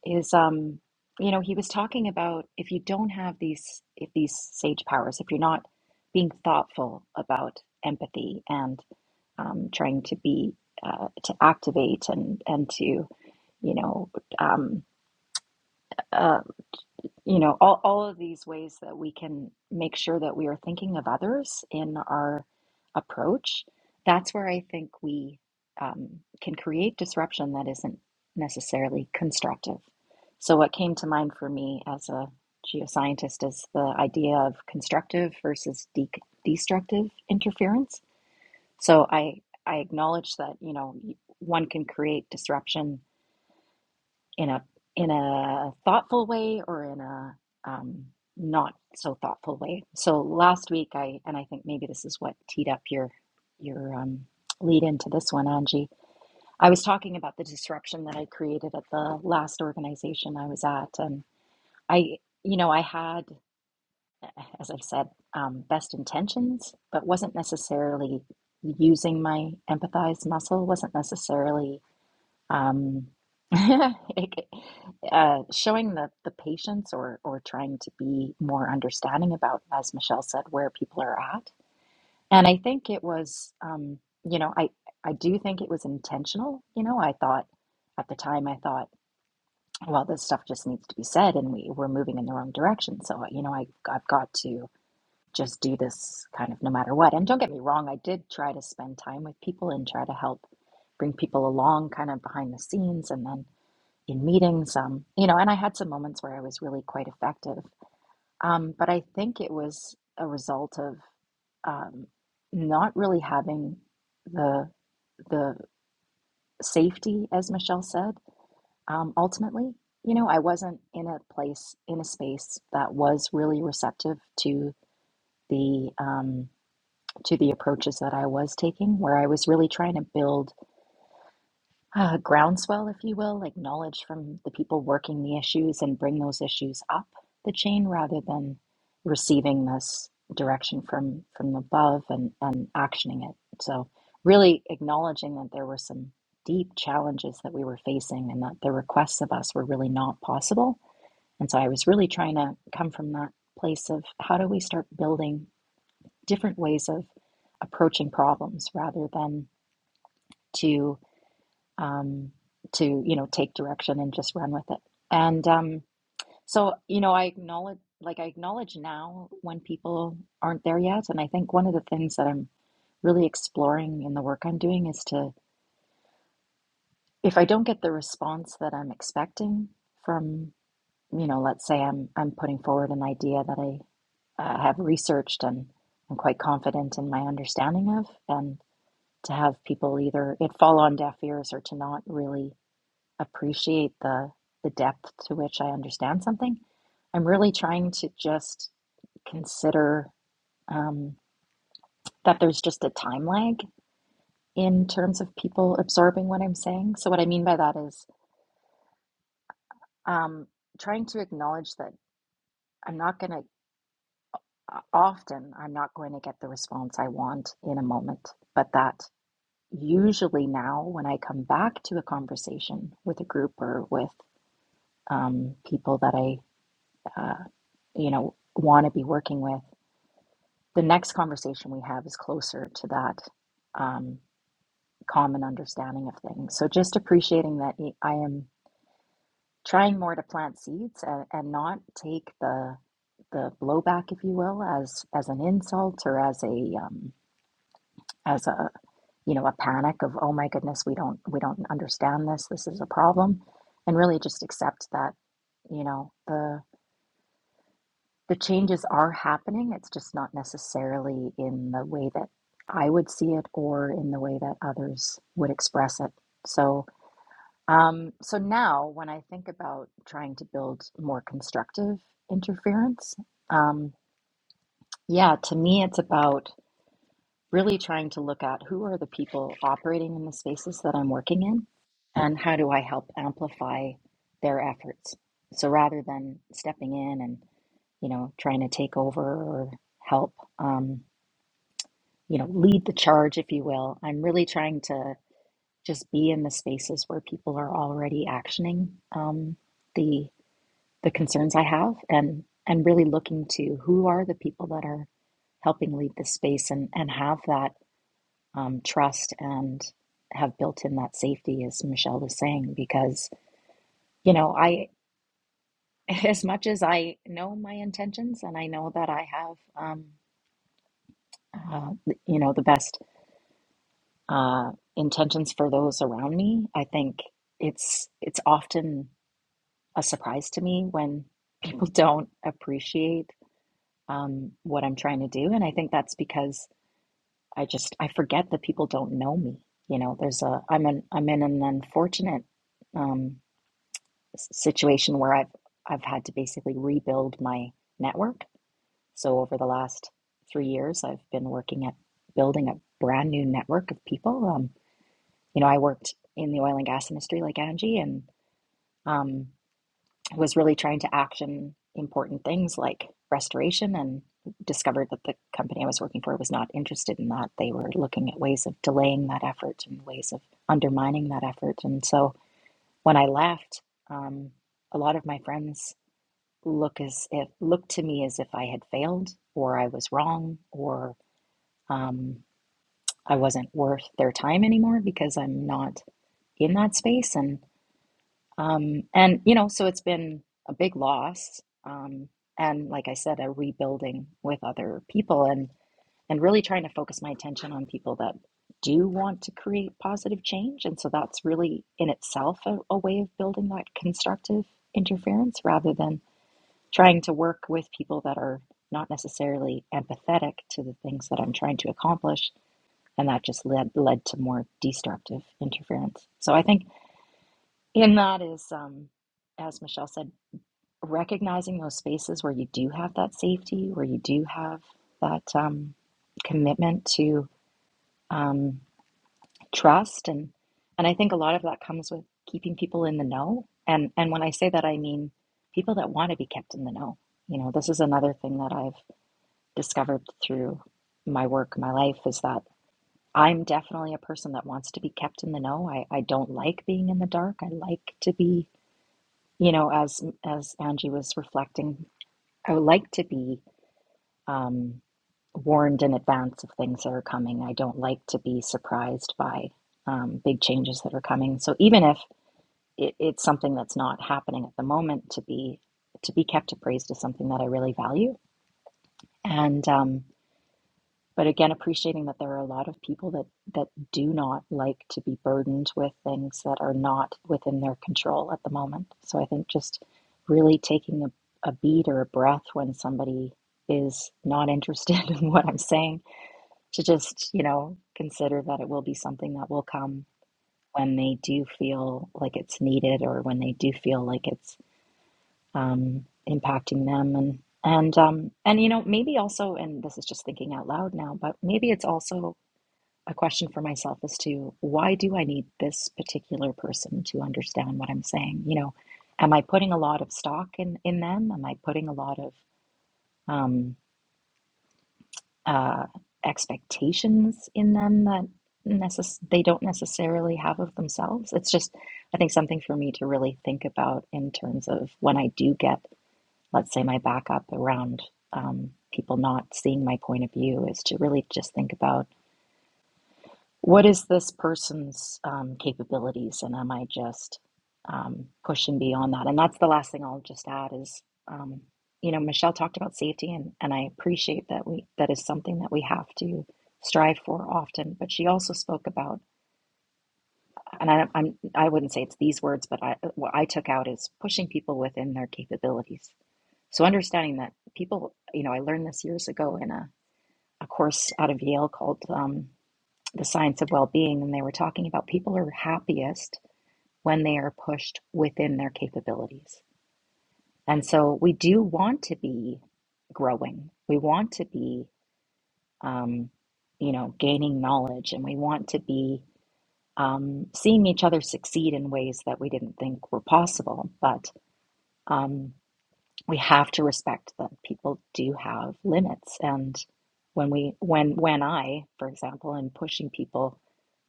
S2: is um, you know, he was talking about if you don't have these if these sage powers, if you're not being thoughtful about empathy and um, trying to be uh, to activate and and to you know um, uh, you know all, all of these ways that we can make sure that we are thinking of others in our approach that's where i think we um, can create disruption that isn't necessarily constructive so what came to mind for me as a geoscientist is the idea of constructive versus de- destructive interference so i i acknowledge that you know one can create disruption in a in a thoughtful way or in a um, not so thoughtful way. So last week I and I think maybe this is what teed up your your um, lead into this one, Angie. I was talking about the disruption that I created at the last organization I was at, and I you know I had as I've said um, best intentions, but wasn't necessarily using my empathize muscle. wasn't necessarily um, it- uh, showing the, the patience or, or trying to be more understanding about, as Michelle said, where people are at. And I think it was, um, you know, I, I do think it was intentional. You know, I thought at the time, I thought, well, this stuff just needs to be said and we, we're moving in the wrong direction. So, you know, I, I've got to just do this kind of no matter what. And don't get me wrong, I did try to spend time with people and try to help bring people along kind of behind the scenes and then in meetings um, you know and i had some moments where i was really quite effective um, but i think it was a result of um, not really having the the safety as michelle said um, ultimately you know i wasn't in a place in a space that was really receptive to the um, to the approaches that i was taking where i was really trying to build uh, groundswell, if you will, like knowledge from the people working the issues and bring those issues up the chain rather than receiving this direction from from above and and actioning it. So really acknowledging that there were some deep challenges that we were facing and that the requests of us were really not possible. And so I was really trying to come from that place of how do we start building different ways of approaching problems rather than to um, to you know take direction and just run with it. And um, so you know, I acknowledge like I acknowledge now when people aren't there yet. And I think one of the things that I'm really exploring in the work I'm doing is to if I don't get the response that I'm expecting from you know, let's say I'm I'm putting forward an idea that I uh, have researched and I'm quite confident in my understanding of, and to have people either it fall on deaf ears or to not really appreciate the the depth to which I understand something. I'm really trying to just consider um, that there's just a time lag in terms of people absorbing what I'm saying. So what I mean by that is um, trying to acknowledge that I'm not going to often I'm not going to get the response I want in a moment, but that usually now when I come back to a conversation with a group or with um, people that I. uh, you know, want to be working with. The next conversation we have is closer to that um, common understanding of things. So just appreciating that I am trying more to plant seeds and, and not take the the blowback, if you will, as as an insult or as a um, as a you know a panic of oh my goodness we don't we don't understand this this is a problem, and really just accept that you know the the changes are happening. It's just not necessarily in the way that I would see it or in the way that others would express it. So, um, so now when I think about trying to build more constructive interference, um, yeah, to me, it's about really trying to look at who are the people operating in the spaces that I'm working in and how do I help amplify their efforts. So rather than stepping in and you know, trying to take over or help, um, you know, lead the charge, if you will. I'm really trying to just be in the spaces where people are already actioning um, the the concerns I have, and and really looking to who are the people that are helping lead the space and and have that um, trust and have built in that safety, as Michelle was saying, because you know I. As much as I know my intentions and I know that I have um, uh, you know the best uh, intentions for those around me. I think it's it's often a surprise to me when people don't appreciate um, what I'm trying to do, and I think that's because I just I forget that people don't know me. You know, there's a I'm an I'm in an unfortunate um, s- situation where I've I've had to basically rebuild my network. So over the last three years, I've been working at building a brand new network of people. Um, you know, I worked in the oil and gas industry like Angie and um, was really trying to action important things like restoration and discovered that the company I was working for was not interested in that. They were looking at ways of delaying that effort and ways of undermining that effort. And so when I left, um, a lot of my friends look as if looked to me as if I had failed or I was wrong or um, I wasn't worth their time anymore because I'm not in that space. And Um, and, you know, so it's been a big loss. Um, and like I said, a rebuilding with other people and, and really trying to focus my attention on people that do want to create positive change. And so that's really in itself a, a way of building that constructive interference rather than trying to work with people that are not necessarily empathetic to the things that I'm trying to accomplish. And that just led, led to more destructive interference. So I think in that is, um, as Michelle said recognizing those spaces where you do have that safety, where you do have that um, commitment to um, trust, and and I think a lot of that comes with keeping people in the know. And and when I say that, I mean people that want to be kept in the know. You know, this is another thing that I've discovered through my work, my life, is that I'm definitely a person that wants to be kept in the know. I, I don't like being in the dark. I like to be, you know, as as Angie was reflecting, I would like to be um, warned in advance of things that are coming. I don't like to be surprised by um, big changes that are coming. So even if it, it's something that's not happening at the moment, to be to be kept appraised is something that I really value. And um, but again, appreciating that there are a lot of people that that do not like to be burdened with things that are not within their control at the moment. So I think just really taking a, a beat or a breath when somebody is not interested in what I'm saying to just, you know, consider that it will be something that will come when they do feel like it's needed or when they do feel like it's um, impacting them and and um, and you know maybe also and this is just thinking out loud now but maybe it's also a question for myself as to why do I need this particular person to understand what I'm saying you know am I putting a lot of stock in in them am I putting a lot of um. uh, expectations in them that necess- they don't necessarily have of themselves. It's just, I think, something for me to really think about in terms of when I do get, let's say, my back up around um, people not seeing my point of view, is to really just think about what is this person's um, capabilities and am i just um, pushing beyond that and that's the last thing i'll just add is um, you know michelle talked about safety and, and i appreciate that we that is something that we have to strive for often but she also spoke about and I, i'm i wouldn't say it's these words but i what i took out is pushing people within their capabilities so understanding that people you know i learned this years ago in a, a course out of yale called um, the science of well being, and they were talking about people are happiest when they are pushed within their capabilities. And so we do want to be growing. We want to be, um, you know, gaining knowledge and we want to be um, seeing each other succeed in ways that we didn't think were possible. But um, we have to respect that people do have limits. And when we, when, when I, for example, am pushing people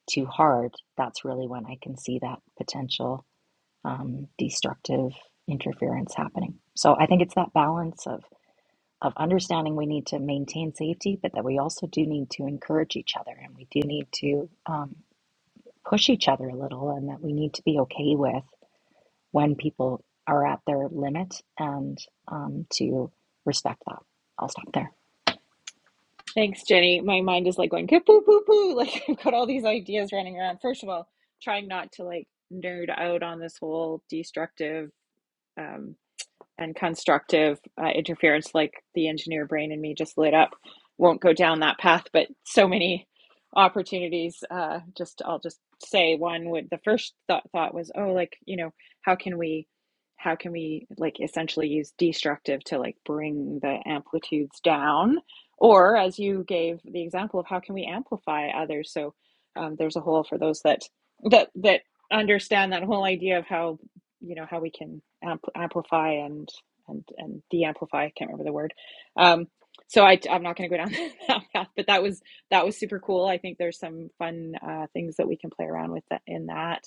S2: too hard, that's really when I can see that potential um, destructive interference happening. So I think it's that balance of of understanding we need to maintain safety, but that we also do need to encourage each other and we do need to um, push each other a little, and that we need to be okay with when people are at their limit and um, to respect that. I'll stop there.
S1: Thanks, Jenny. My mind is like going poo poo poo. Like I've got all these ideas running around. First of all, trying not to like nerd out on this whole destructive. um, and constructive uh, interference, like the engineer brain in me just lit up, won't go down that path. But so many opportunities. Uh, just I'll just say one would the first thought thought was, oh, like you know, how can we, how can we like essentially use destructive to like bring the amplitudes down, or as you gave the example of how can we amplify others. So um, there's a whole for those that that that understand that whole idea of how you know how we can ampl amplify and and and de-amplify. I can't remember the word. Um, so I I'm not going to go down that path, but that was that was super cool. I think there's some fun uh, things that we can play around with that, in that.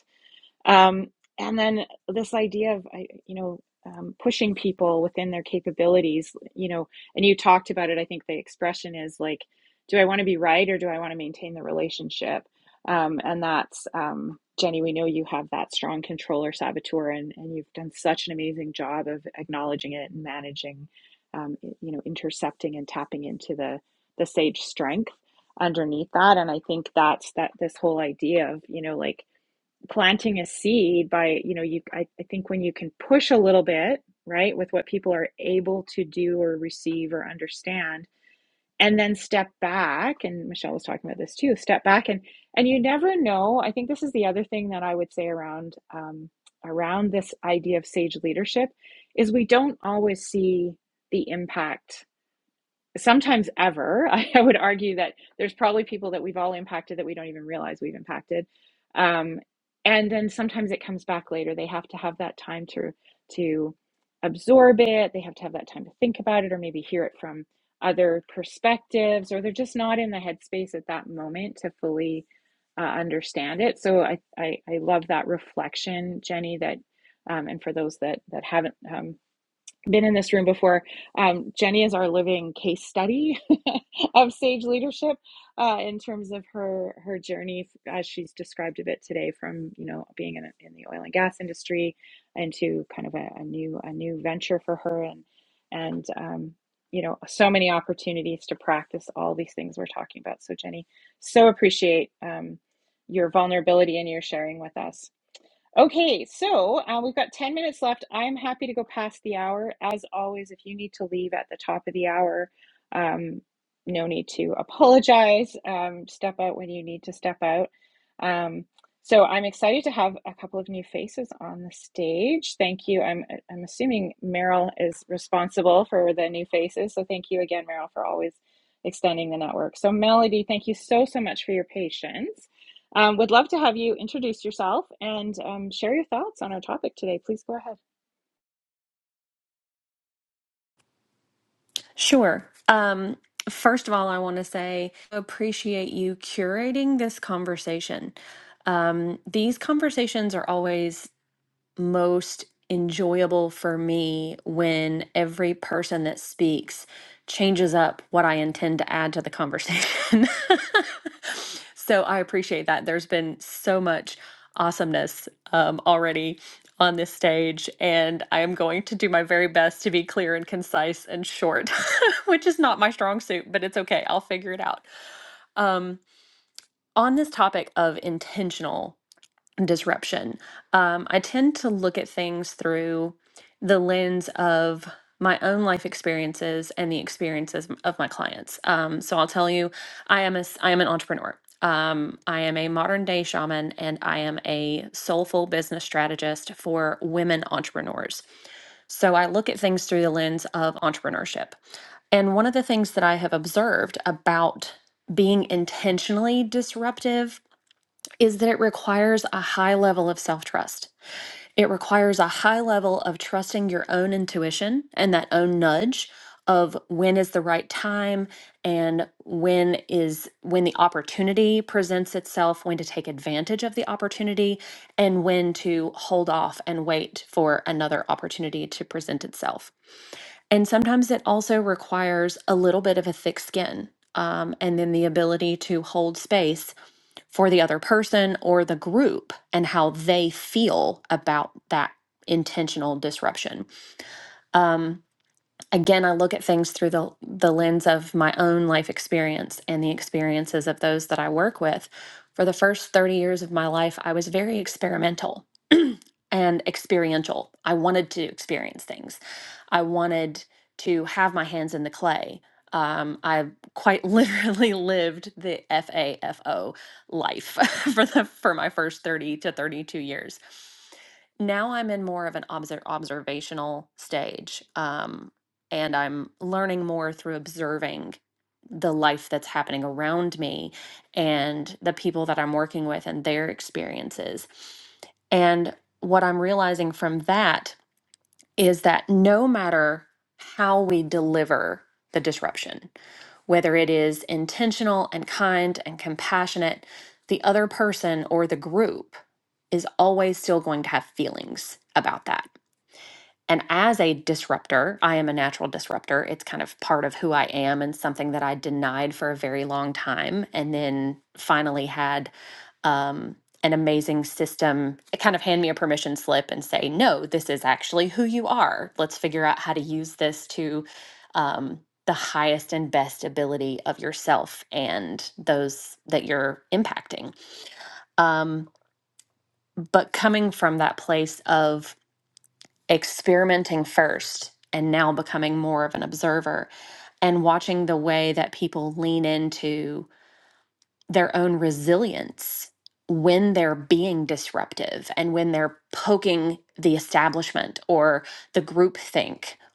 S1: Um, and then this idea of, you know, um, pushing people within their capabilities, you know, and you talked about it. I think the expression is like, do I want to be right or do I want to maintain the relationship? Um, and that's, um, Jenny, we know you have that strong controller saboteur and, and you've done such an amazing job of acknowledging it and managing, um, you know, intercepting and tapping into the, the sage strength underneath that. And I think that's that this whole idea of, you know, like, planting a seed by you know you I, I think when you can push a little bit right with what people are able to do or receive or understand and then step back and michelle was talking about this too step back and and you never know i think this is the other thing that i would say around um, around this idea of sage leadership is we don't always see the impact sometimes ever. I, I would argue that there's probably people that we've all impacted that we don't even realize we've impacted. Um, and then sometimes it comes back later. They have to have that time to to absorb it. They have to have that time to think about it, or maybe hear it from other perspectives, or they're just not in the headspace at that moment to fully uh, understand it. So I, I I love that reflection, Jenny. That um, and for those that that haven't. Um, been in this room before. Um, Jenny is our living case study of sage leadership uh, in terms of her her journey as she's described a bit today, from you know being in, in the oil and gas industry into kind of a, a new a new venture for her and and um, you know so many opportunities to practice all these things we're talking about. So Jenny, so appreciate um, your vulnerability and your sharing with us. Okay, so uh, we've got 10 minutes left. I'm happy to go past the hour. As always, if you need to leave at the top of the hour, um, no need to apologize. Um, step out when you need to step out. Um, so I'm excited to have a couple of new faces on the stage. Thank you. I'm I'm assuming Meryl is responsible for the new faces. So thank you again, Meryl, for always extending the network. So Melody, thank you so so much for your patience. Um, would love to have you introduce yourself and um, share your thoughts on our topic today. Please go ahead.
S6: Sure. Um, first of all, I want to say I appreciate you curating this conversation. Um, these conversations are always most enjoyable for me when every person that speaks changes up what I intend to add to the conversation. so I appreciate that. There's been so much awesomeness um, already on this stage, and I am going to do my very best to be clear and concise and short, which is not my strong suit, but it's okay. I'll figure it out. Um, on this topic of intentional disruption. Um, I tend to look at things through the lens of my own life experiences and the experiences m- of my clients. Um, so I'll tell you, I am a s- I am an entrepreneur. Um, I am a modern day shaman, and I am a soulful business strategist for women entrepreneurs. So I look at things through the lens of entrepreneurship. And one of the things that I have observed about being intentionally disruptive is that it requires a high level of self trust. It requires a high level of trusting your own intuition and that own nudge of when is the right time and when is when the opportunity presents itself when to take advantage of the opportunity and when to hold off and wait for another opportunity to present itself and sometimes it also requires a little bit of a thick skin um, and then the ability to hold space for the other person or the group and how they feel about that intentional disruption. Um, again i look at things through the the lens of my own life experience and the experiences of those that i work with for the first 30 years of my life i was very experimental and experiential i wanted to experience things i wanted to have my hands in the clay um, i quite literally lived the f-a-f-o life for the for my first 30 to 32 years now I'm in more of an obser- observational stage. Um, and I'm learning more through observing the life that's happening around me and the people that I'm working with and their experiences. And what I'm realizing from that is that no matter how we deliver the disruption, whether it is intentional and kind and compassionate, the other person or the group is always still going to have feelings about that and as a disruptor, I am a natural disruptor. It's kind of part of who I am and something that I denied for a very long time. And then finally had um, an amazing system kind of hand me a permission slip and say, no, this is actually who you are. Let's figure out how to use this to um, the highest and best ability of yourself and those that you're impacting. Um, but coming from that place of, experimenting first and now becoming more of an observer and watching the way that people lean into their own resilience when they're being disruptive and when they're poking the establishment or the groupthink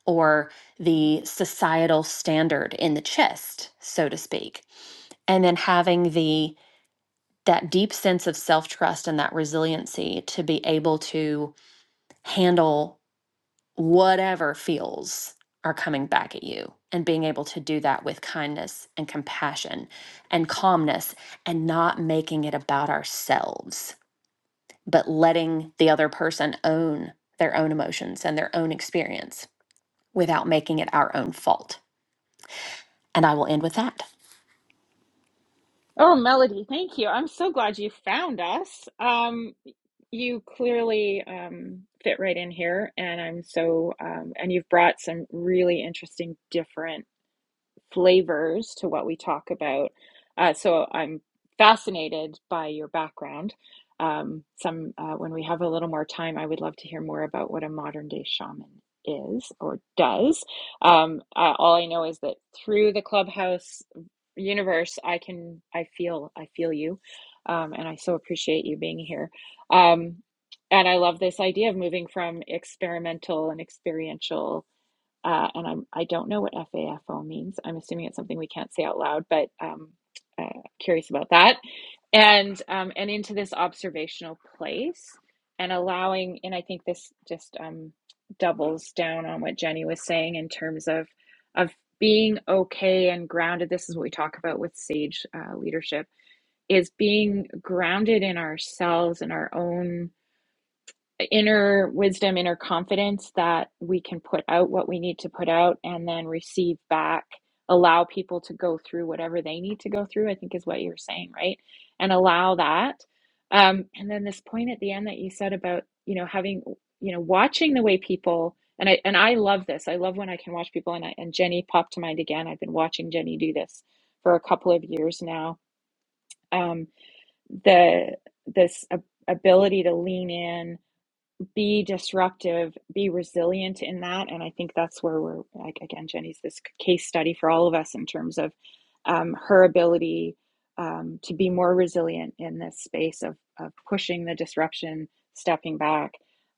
S6: or the societal standard in the chest so to speak and then having the that deep sense of self-trust and that resiliency to be able to handle whatever feels are coming back at you and being able to do that with kindness and compassion and calmness and not making it about ourselves, but letting the other person own their own emotions and their own experience without making it our own fault. And I will end with that.
S1: Oh, Melody, thank you. I'm so glad you found us. Um, you clearly um, fit right in here, and I'm so, um, and you've brought some really interesting, different. flavors to what we talk about. Uh, so I'm fascinated by your background. Um, some uh, when we have a little more time, I would love to hear more about what a modern day shaman is or does. Um, uh, all I know is that through the clubhouse universe, I can I feel I feel you, um, and I so appreciate you being here. Um, and I love this idea of moving from experimental and experiential uh, and I'm, I don't know what FAFO means. I'm assuming it's something we can't say out loud, but um, uh, curious about that. And um, and into this observational place and allowing, and I think this just um, doubles down on what Jenny was saying in terms of of being okay and grounded. This is what we talk about with sage uh, leadership: is being grounded in ourselves and our own inner wisdom, inner confidence that we can put out what we need to put out and then receive back, allow people to go through whatever they need to go through, I think is what you're saying, right? And allow that. Um, and then this point at the end that you said about, you know, having, you know, watching the way people and I and I love this. I love when I can watch people and I, and Jenny popped to mind again. I've been watching Jenny do this for a couple of years now. Um, the this ab- ability to lean in be disruptive, be resilient in that. And I think that's where we're, like, again, Jenny's this case study for all of us in terms of um, her ability um, to be more resilient in this space of, of pushing the disruption, stepping back.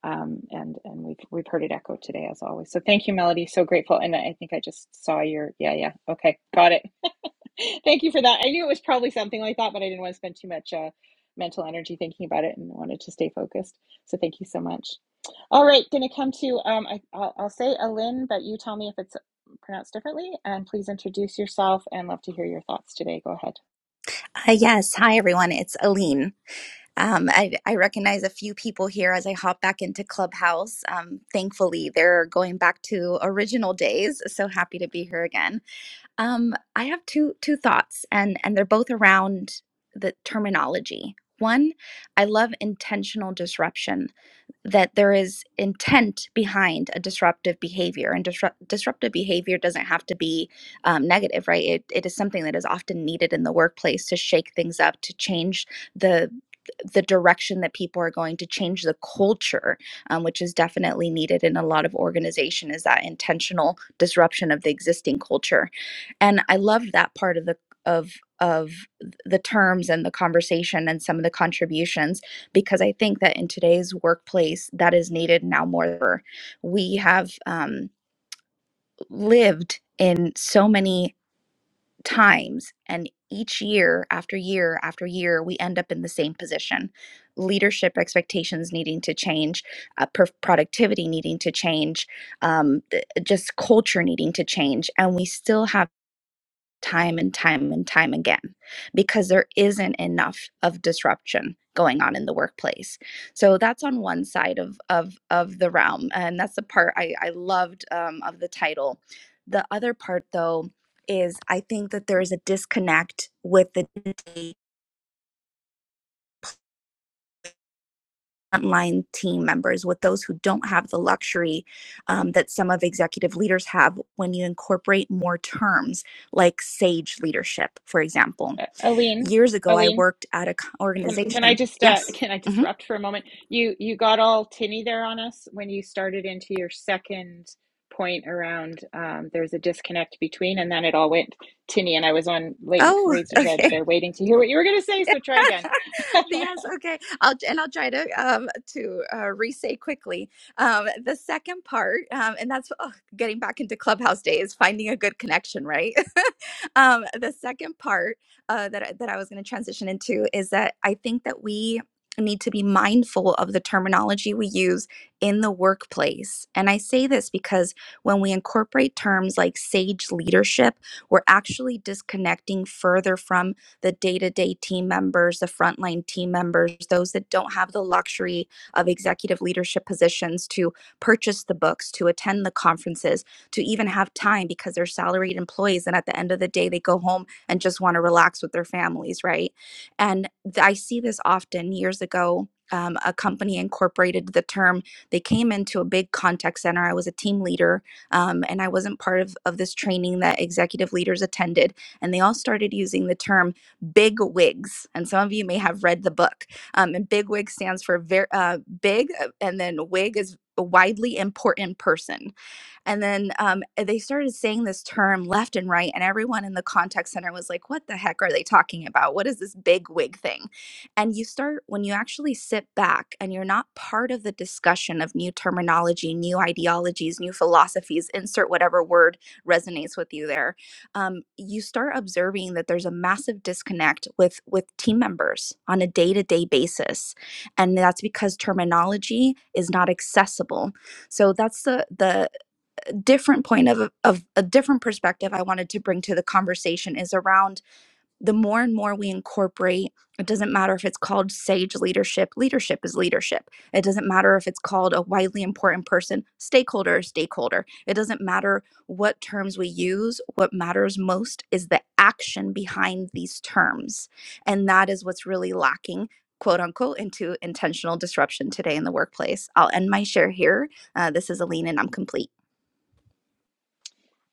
S1: Um, and and we've we've heard it echoed today as always. So thank you, Melody. So grateful. And I think I just saw your yeah yeah okay got it. Thank you for that. I knew it was probably something like that, but I didn't want to spend too much uh, mental energy thinking about it and wanted to stay focused. So thank you so much. All right, going to come to, um, I, I'll, I'll say Alin, but you tell me if it's pronounced differently. And please introduce yourself and love to hear your thoughts today. Go ahead.
S7: Uh, yes. Hi, everyone. It's Aline. Um, I, I recognize a few people here as I hop back into Clubhouse. Um, thankfully, they're going back to original days. So happy to be here again. Um, I have two two thoughts, and and they're both around the terminology. One, I love intentional disruption that there is intent behind a disruptive behavior and disrupt, disruptive behavior doesn't have to be um, negative right it, it is something that is often needed in the workplace to shake things up to change the the direction that people are going to change the culture um, which is definitely needed in a lot of organization is that intentional disruption of the existing culture and i love that part of the of of the terms and the conversation and some of the contributions because I think that in today's workplace, that is needed now more than ever. We have um, lived in so many times, and each year after year after year, we end up in the same position. Leadership expectations needing to change, uh, per- productivity needing to change, um, th- just culture needing to change, and we still have time and time and time again because there isn't enough of disruption going on in the workplace so that's on one side of of of the realm and that's the part i i loved um, of the title the other part though is i think that there is a disconnect with the frontline team members with those who don't have the luxury um, that some of executive leaders have when you incorporate more terms like sage leadership for example
S1: Uh, Alin.
S7: years ago, I
S1: Aline.
S7: worked at an
S1: Can can I
S7: organization.
S1: just
S7: Yes.
S1: uh, can I
S7: hmm
S1: disrupt for a moment? You you got all tinny there on us when you started into your second point around um, there's a disconnect between, and then it all went tinny, and I was on late
S7: Oh,
S1: razor's edge
S7: okay.
S1: there, waiting to hear what you were going to say. So try again.
S7: yes okay i'll and i'll try to um to uh re-say quickly um the second part um and that's oh, getting back into clubhouse days finding a good connection right um the second part uh that I- that i was going to transition into is that i think that we need to be mindful of the terminology we use in the workplace and i say this because when we incorporate terms like sage leadership we're actually disconnecting further from the day to day team members, the frontline team members, those that don't have the luxury of executive leadership positions to purchase the books, to attend the conferences, to even have time because they're salaried employees. And at the end of the day, they go home and just want to relax with their families, right? And th- I see this often years ago. Um, a company incorporated the term. They came into a big contact center. I was a team leader um, and I wasn't part of, of this training that executive leaders attended. And they all started using the term big wigs and some of you may have read the book um, and big wig stands for very uh, big uh, and then wig is a widely important person and then um, eh, they started saying this term left and right, and everyone in the contact center was like, What the heck are they talking about? What is this big wig thing? And you start, when you actually sit back and you're not part of the discussion of new terminology, new ideologies, new philosophies, insert whatever word resonates with you there, um, you start observing that there's a massive disconnect with, with team members on a day to day basis. And that's because terminology is not accessible so that's the the different point of, of a different perspective I wanted to bring to the conversation is around the more and more we incorporate, it doesn't matter if it's called sage leadership, leadership is leadership. It doesn't matter if it's called a widely important person, stakeholder or stakeholder. It doesn't matter what terms we use. What matters most is the action behind these terms. And that is what's really lacking. Quote unquote, into intentional disruption today in the workplace. I'll end my share here uh, this is Aline, and I'm complete.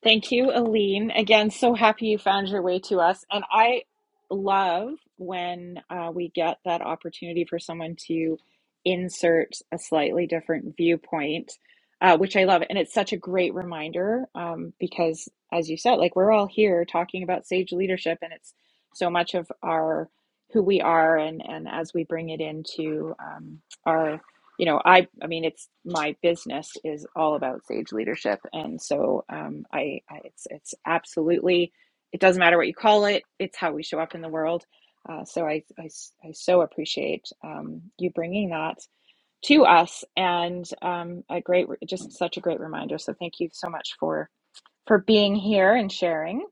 S1: Thank you, Aline. Again, so happy you found your way to us. And I love when uh, we get that opportunity for someone to insert a slightly different viewpoint, uh, which I love. And it's such a great reminder um, because, as you said, like we're all here talking about sage leadership, and it's so much of our who we are, and and as we bring it into um, our you know i i mean it's my business is all about sage leadership and so um i, I it's it's absolutely it doesn't matter what you call it it's how we show up in the world uh, so I, I s- I so appreciate um you bringing that to us and um a great re- just such a great reminder so thank you so much for for being here and sharing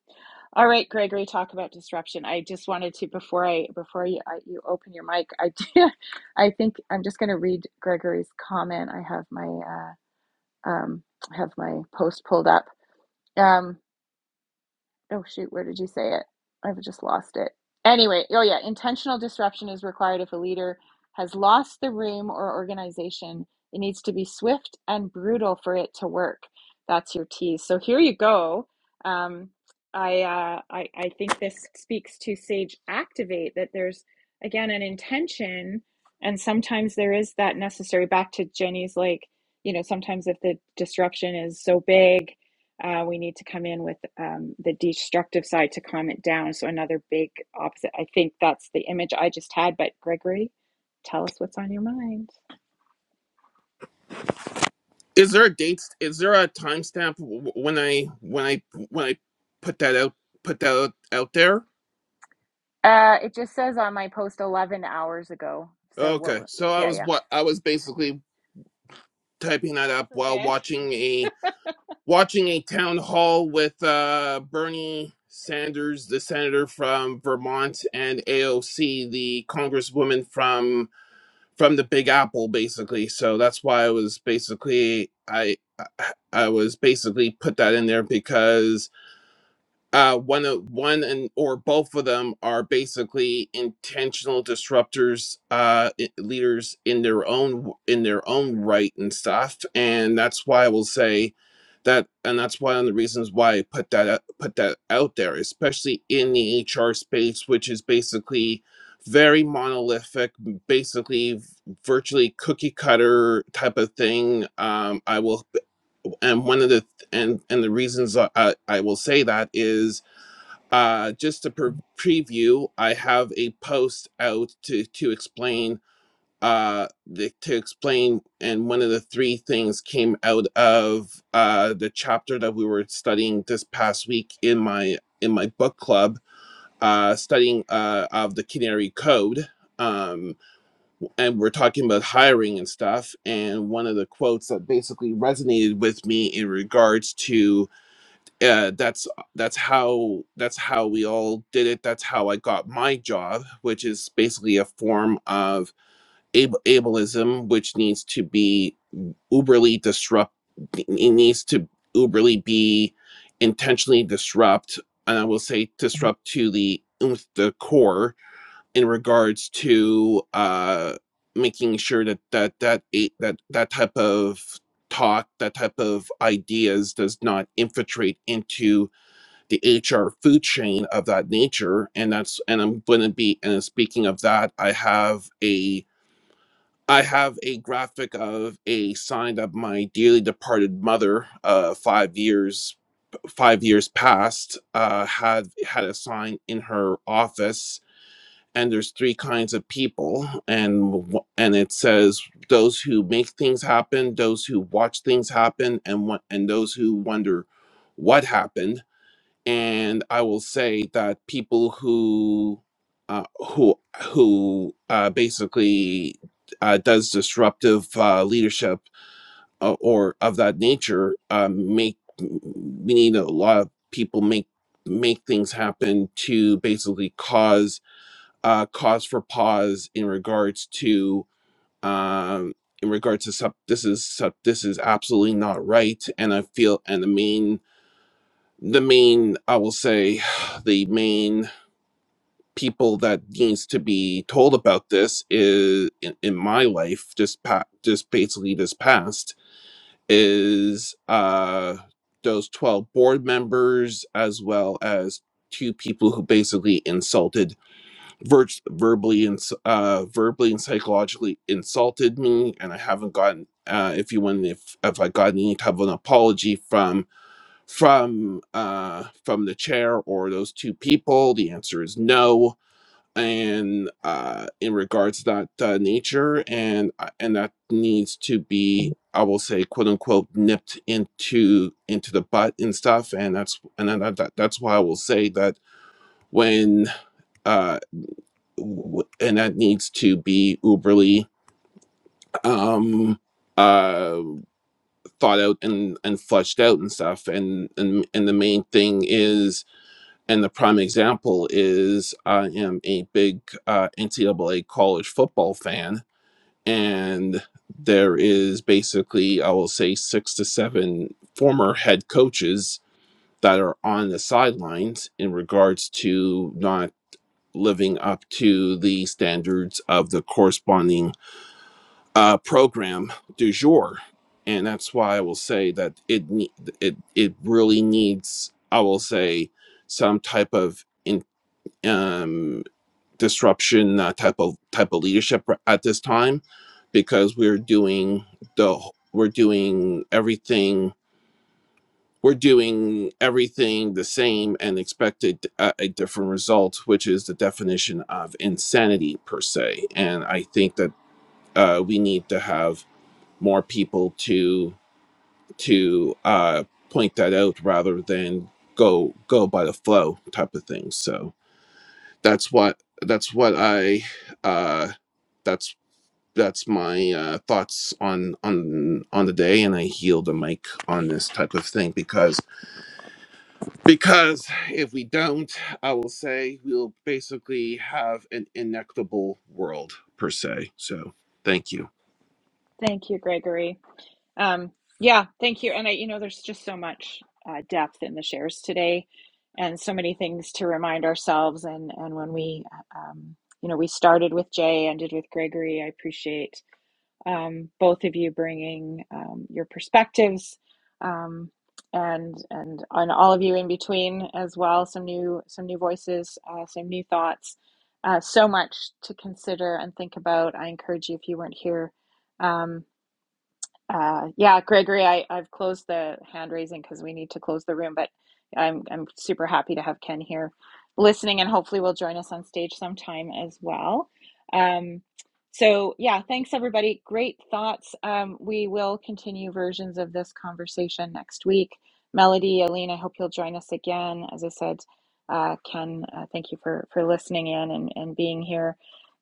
S1: all right, Gregory, talk about disruption. I just wanted to before I before you I, you open your mic. I do, I think I'm just going to read Gregory's comment. I have my uh, um, I have my post pulled up. Um, oh shoot, where did you say it? I've just lost it. Anyway, oh yeah, intentional disruption is required if a leader has lost the room or organization. It needs to be swift and brutal for it to work. That's your tease. So here you go. Um, I, uh, I I think this speaks to Sage Activate that there's again an intention, and sometimes there is that necessary. Back to Jenny's, like you know, sometimes if the disruption is so big uh, we need to come in with um, the destructive side to calm it down. So another big opposite. I think that's the image I just had. But Gregory, tell us what's on your mind.
S8: Is there a date? Is there a timestamp w- when I when I when I put that out put that out, out there?
S1: Uh, it just says on my post 11 hours ago. So what?
S8: Okay, so I
S1: Yeah,
S8: was
S1: yeah.
S8: what I was basically typing
S1: Getting
S8: that
S1: ready
S8: up
S1: for
S8: while
S1: bed.
S8: watching a watching a town hall with uh, Bernie Sanders, the senator from Vermont, and AOC, the congresswoman from from the Big Apple, basically. So that's why I was basically I I I was basically put that in there because uh, one of one and or both of them are basically intentional disruptors, uh, i- leaders in their own in their own right and stuff. And that's why I will say that, and that's one of the reasons why I put that out, put that out there, especially in the HR space, which is basically very monolithic, m- basically v- virtually cookie cutter type of thing. Um, I will, and one of the th- and and the reasons I, I I will say that is uh, just to pre- preview, I have a post out to to explain uh the, to explain and one of the three things came out of uh the chapter that we were studying this past week in my in my book club uh studying uh of the canary code um and we're talking about hiring and stuff and one of the quotes that basically resonated with me in regards to uh, that's uh, that's how that's how we all did it. That's how I got my job, which is basically a form of ab- ableism, which needs to be uberly disrupt. It needs to uberly be intentionally disrupt, and I will say disrupt to the nth- the core in regards to uh, making sure that that that a- that that type of talk, that type of ideas, does not infiltrate into the HR food chain of that nature. And that's and I'm gonna be and speaking of that, I have a I have a graphic of a sign of my dearly departed mother, uh, five years five years past, uh, had had a sign in her office. And there's three kinds of people, and w- and it says those who make things happen, those who watch things happen, and what and those who wonder what happened and I will say that people who uh, who who uh, basically uh, does disruptive uh, leadership uh, or of that nature uh, make we need a lot of people make make things happen to basically cause uh, cause for pause in regards to um, in regards to sub, this is sub, this is absolutely not right and I feel and the main the main i will say the main people that needs to be told about this is in, in my life just pa- just basically this past is uh those 12 board members as well as two people who basically insulted ver verbally and s- uh verbally and psychologically insulted me and i haven't gotten uh if you want if if i got any type of an apology from from uh, from the chair or those two people? The answer is no. And uh, in regards to that uh, nature, and I- and that needs to be, I will say, quote unquote, nipped into into the butt and stuff. And that's and then that, that, that's why I will say that when uh, w- and that needs to be uberly um, uh, thought out and and fleshed out and stuff. And and and the main thing is And the prime example is I am a big uh, NCAA college football fan, and there is basically, I will say, six to seven former head coaches that are on the sidelines in regards to not living up to the standards of the corresponding uh, program du jour. And that's why I will say that it ne- it it really needs, I will say, some type of um, disruption uh, type of type of leadership at this time because we're doing the we're doing everything we're doing everything the same and expected a, a different result which is the definition of insanity per se and i think that uh, we need to have more people to to uh, point that out rather than go go by the flow type of thing so that's what that's what I uh that's that's my uh thoughts on on on the day and I yield the mic on this type of thing because because if we don't I will say we'll basically have an inequitable world per se so thank you
S1: Thank you, Gregory. Um, yeah, thank you. And I, you know, there's just so much uh, depth in the shares today, and so many things to remind ourselves. And and when we, uh, um, you know, we started with Jay, ended with Gregory. I appreciate um, both of you bringing um, your perspectives, um, and and on all of you in between as well. Some new some new voices, uh, some new thoughts. Uh, so much to consider and think about. I encourage you if you weren't here. Um, uh, yeah, Gregory, I, I've closed the hand raising because we need to close the room, but I'm I'm super happy to have Ken here listening and hopefully will join us on stage sometime as well. Um, so yeah, thanks everybody. Great thoughts. Um, we will continue versions of this conversation next week. Melody, Aline, I hope you'll join us again. As I said, uh, Ken, uh, thank you for for listening in and, and being here.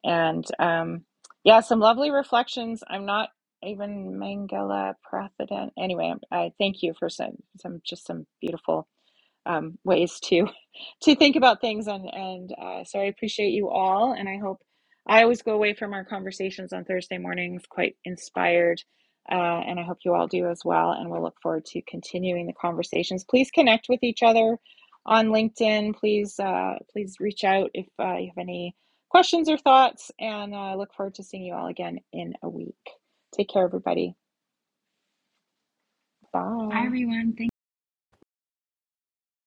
S1: And um, yeah, some lovely reflections. I'm not even Mangala Prathadan. Anyway, I thank you for some, some just some beautiful um, ways to to think about things and and uh, so I appreciate you all and I hope I always go away from our conversations on Thursday mornings quite inspired uh, and I hope you all do as well and we'll look forward to continuing the conversations please connect with each other on LinkedIn please uh, please reach out if uh, you have any questions or thoughts and I uh, look forward to seeing you all again in a week take care everybody bye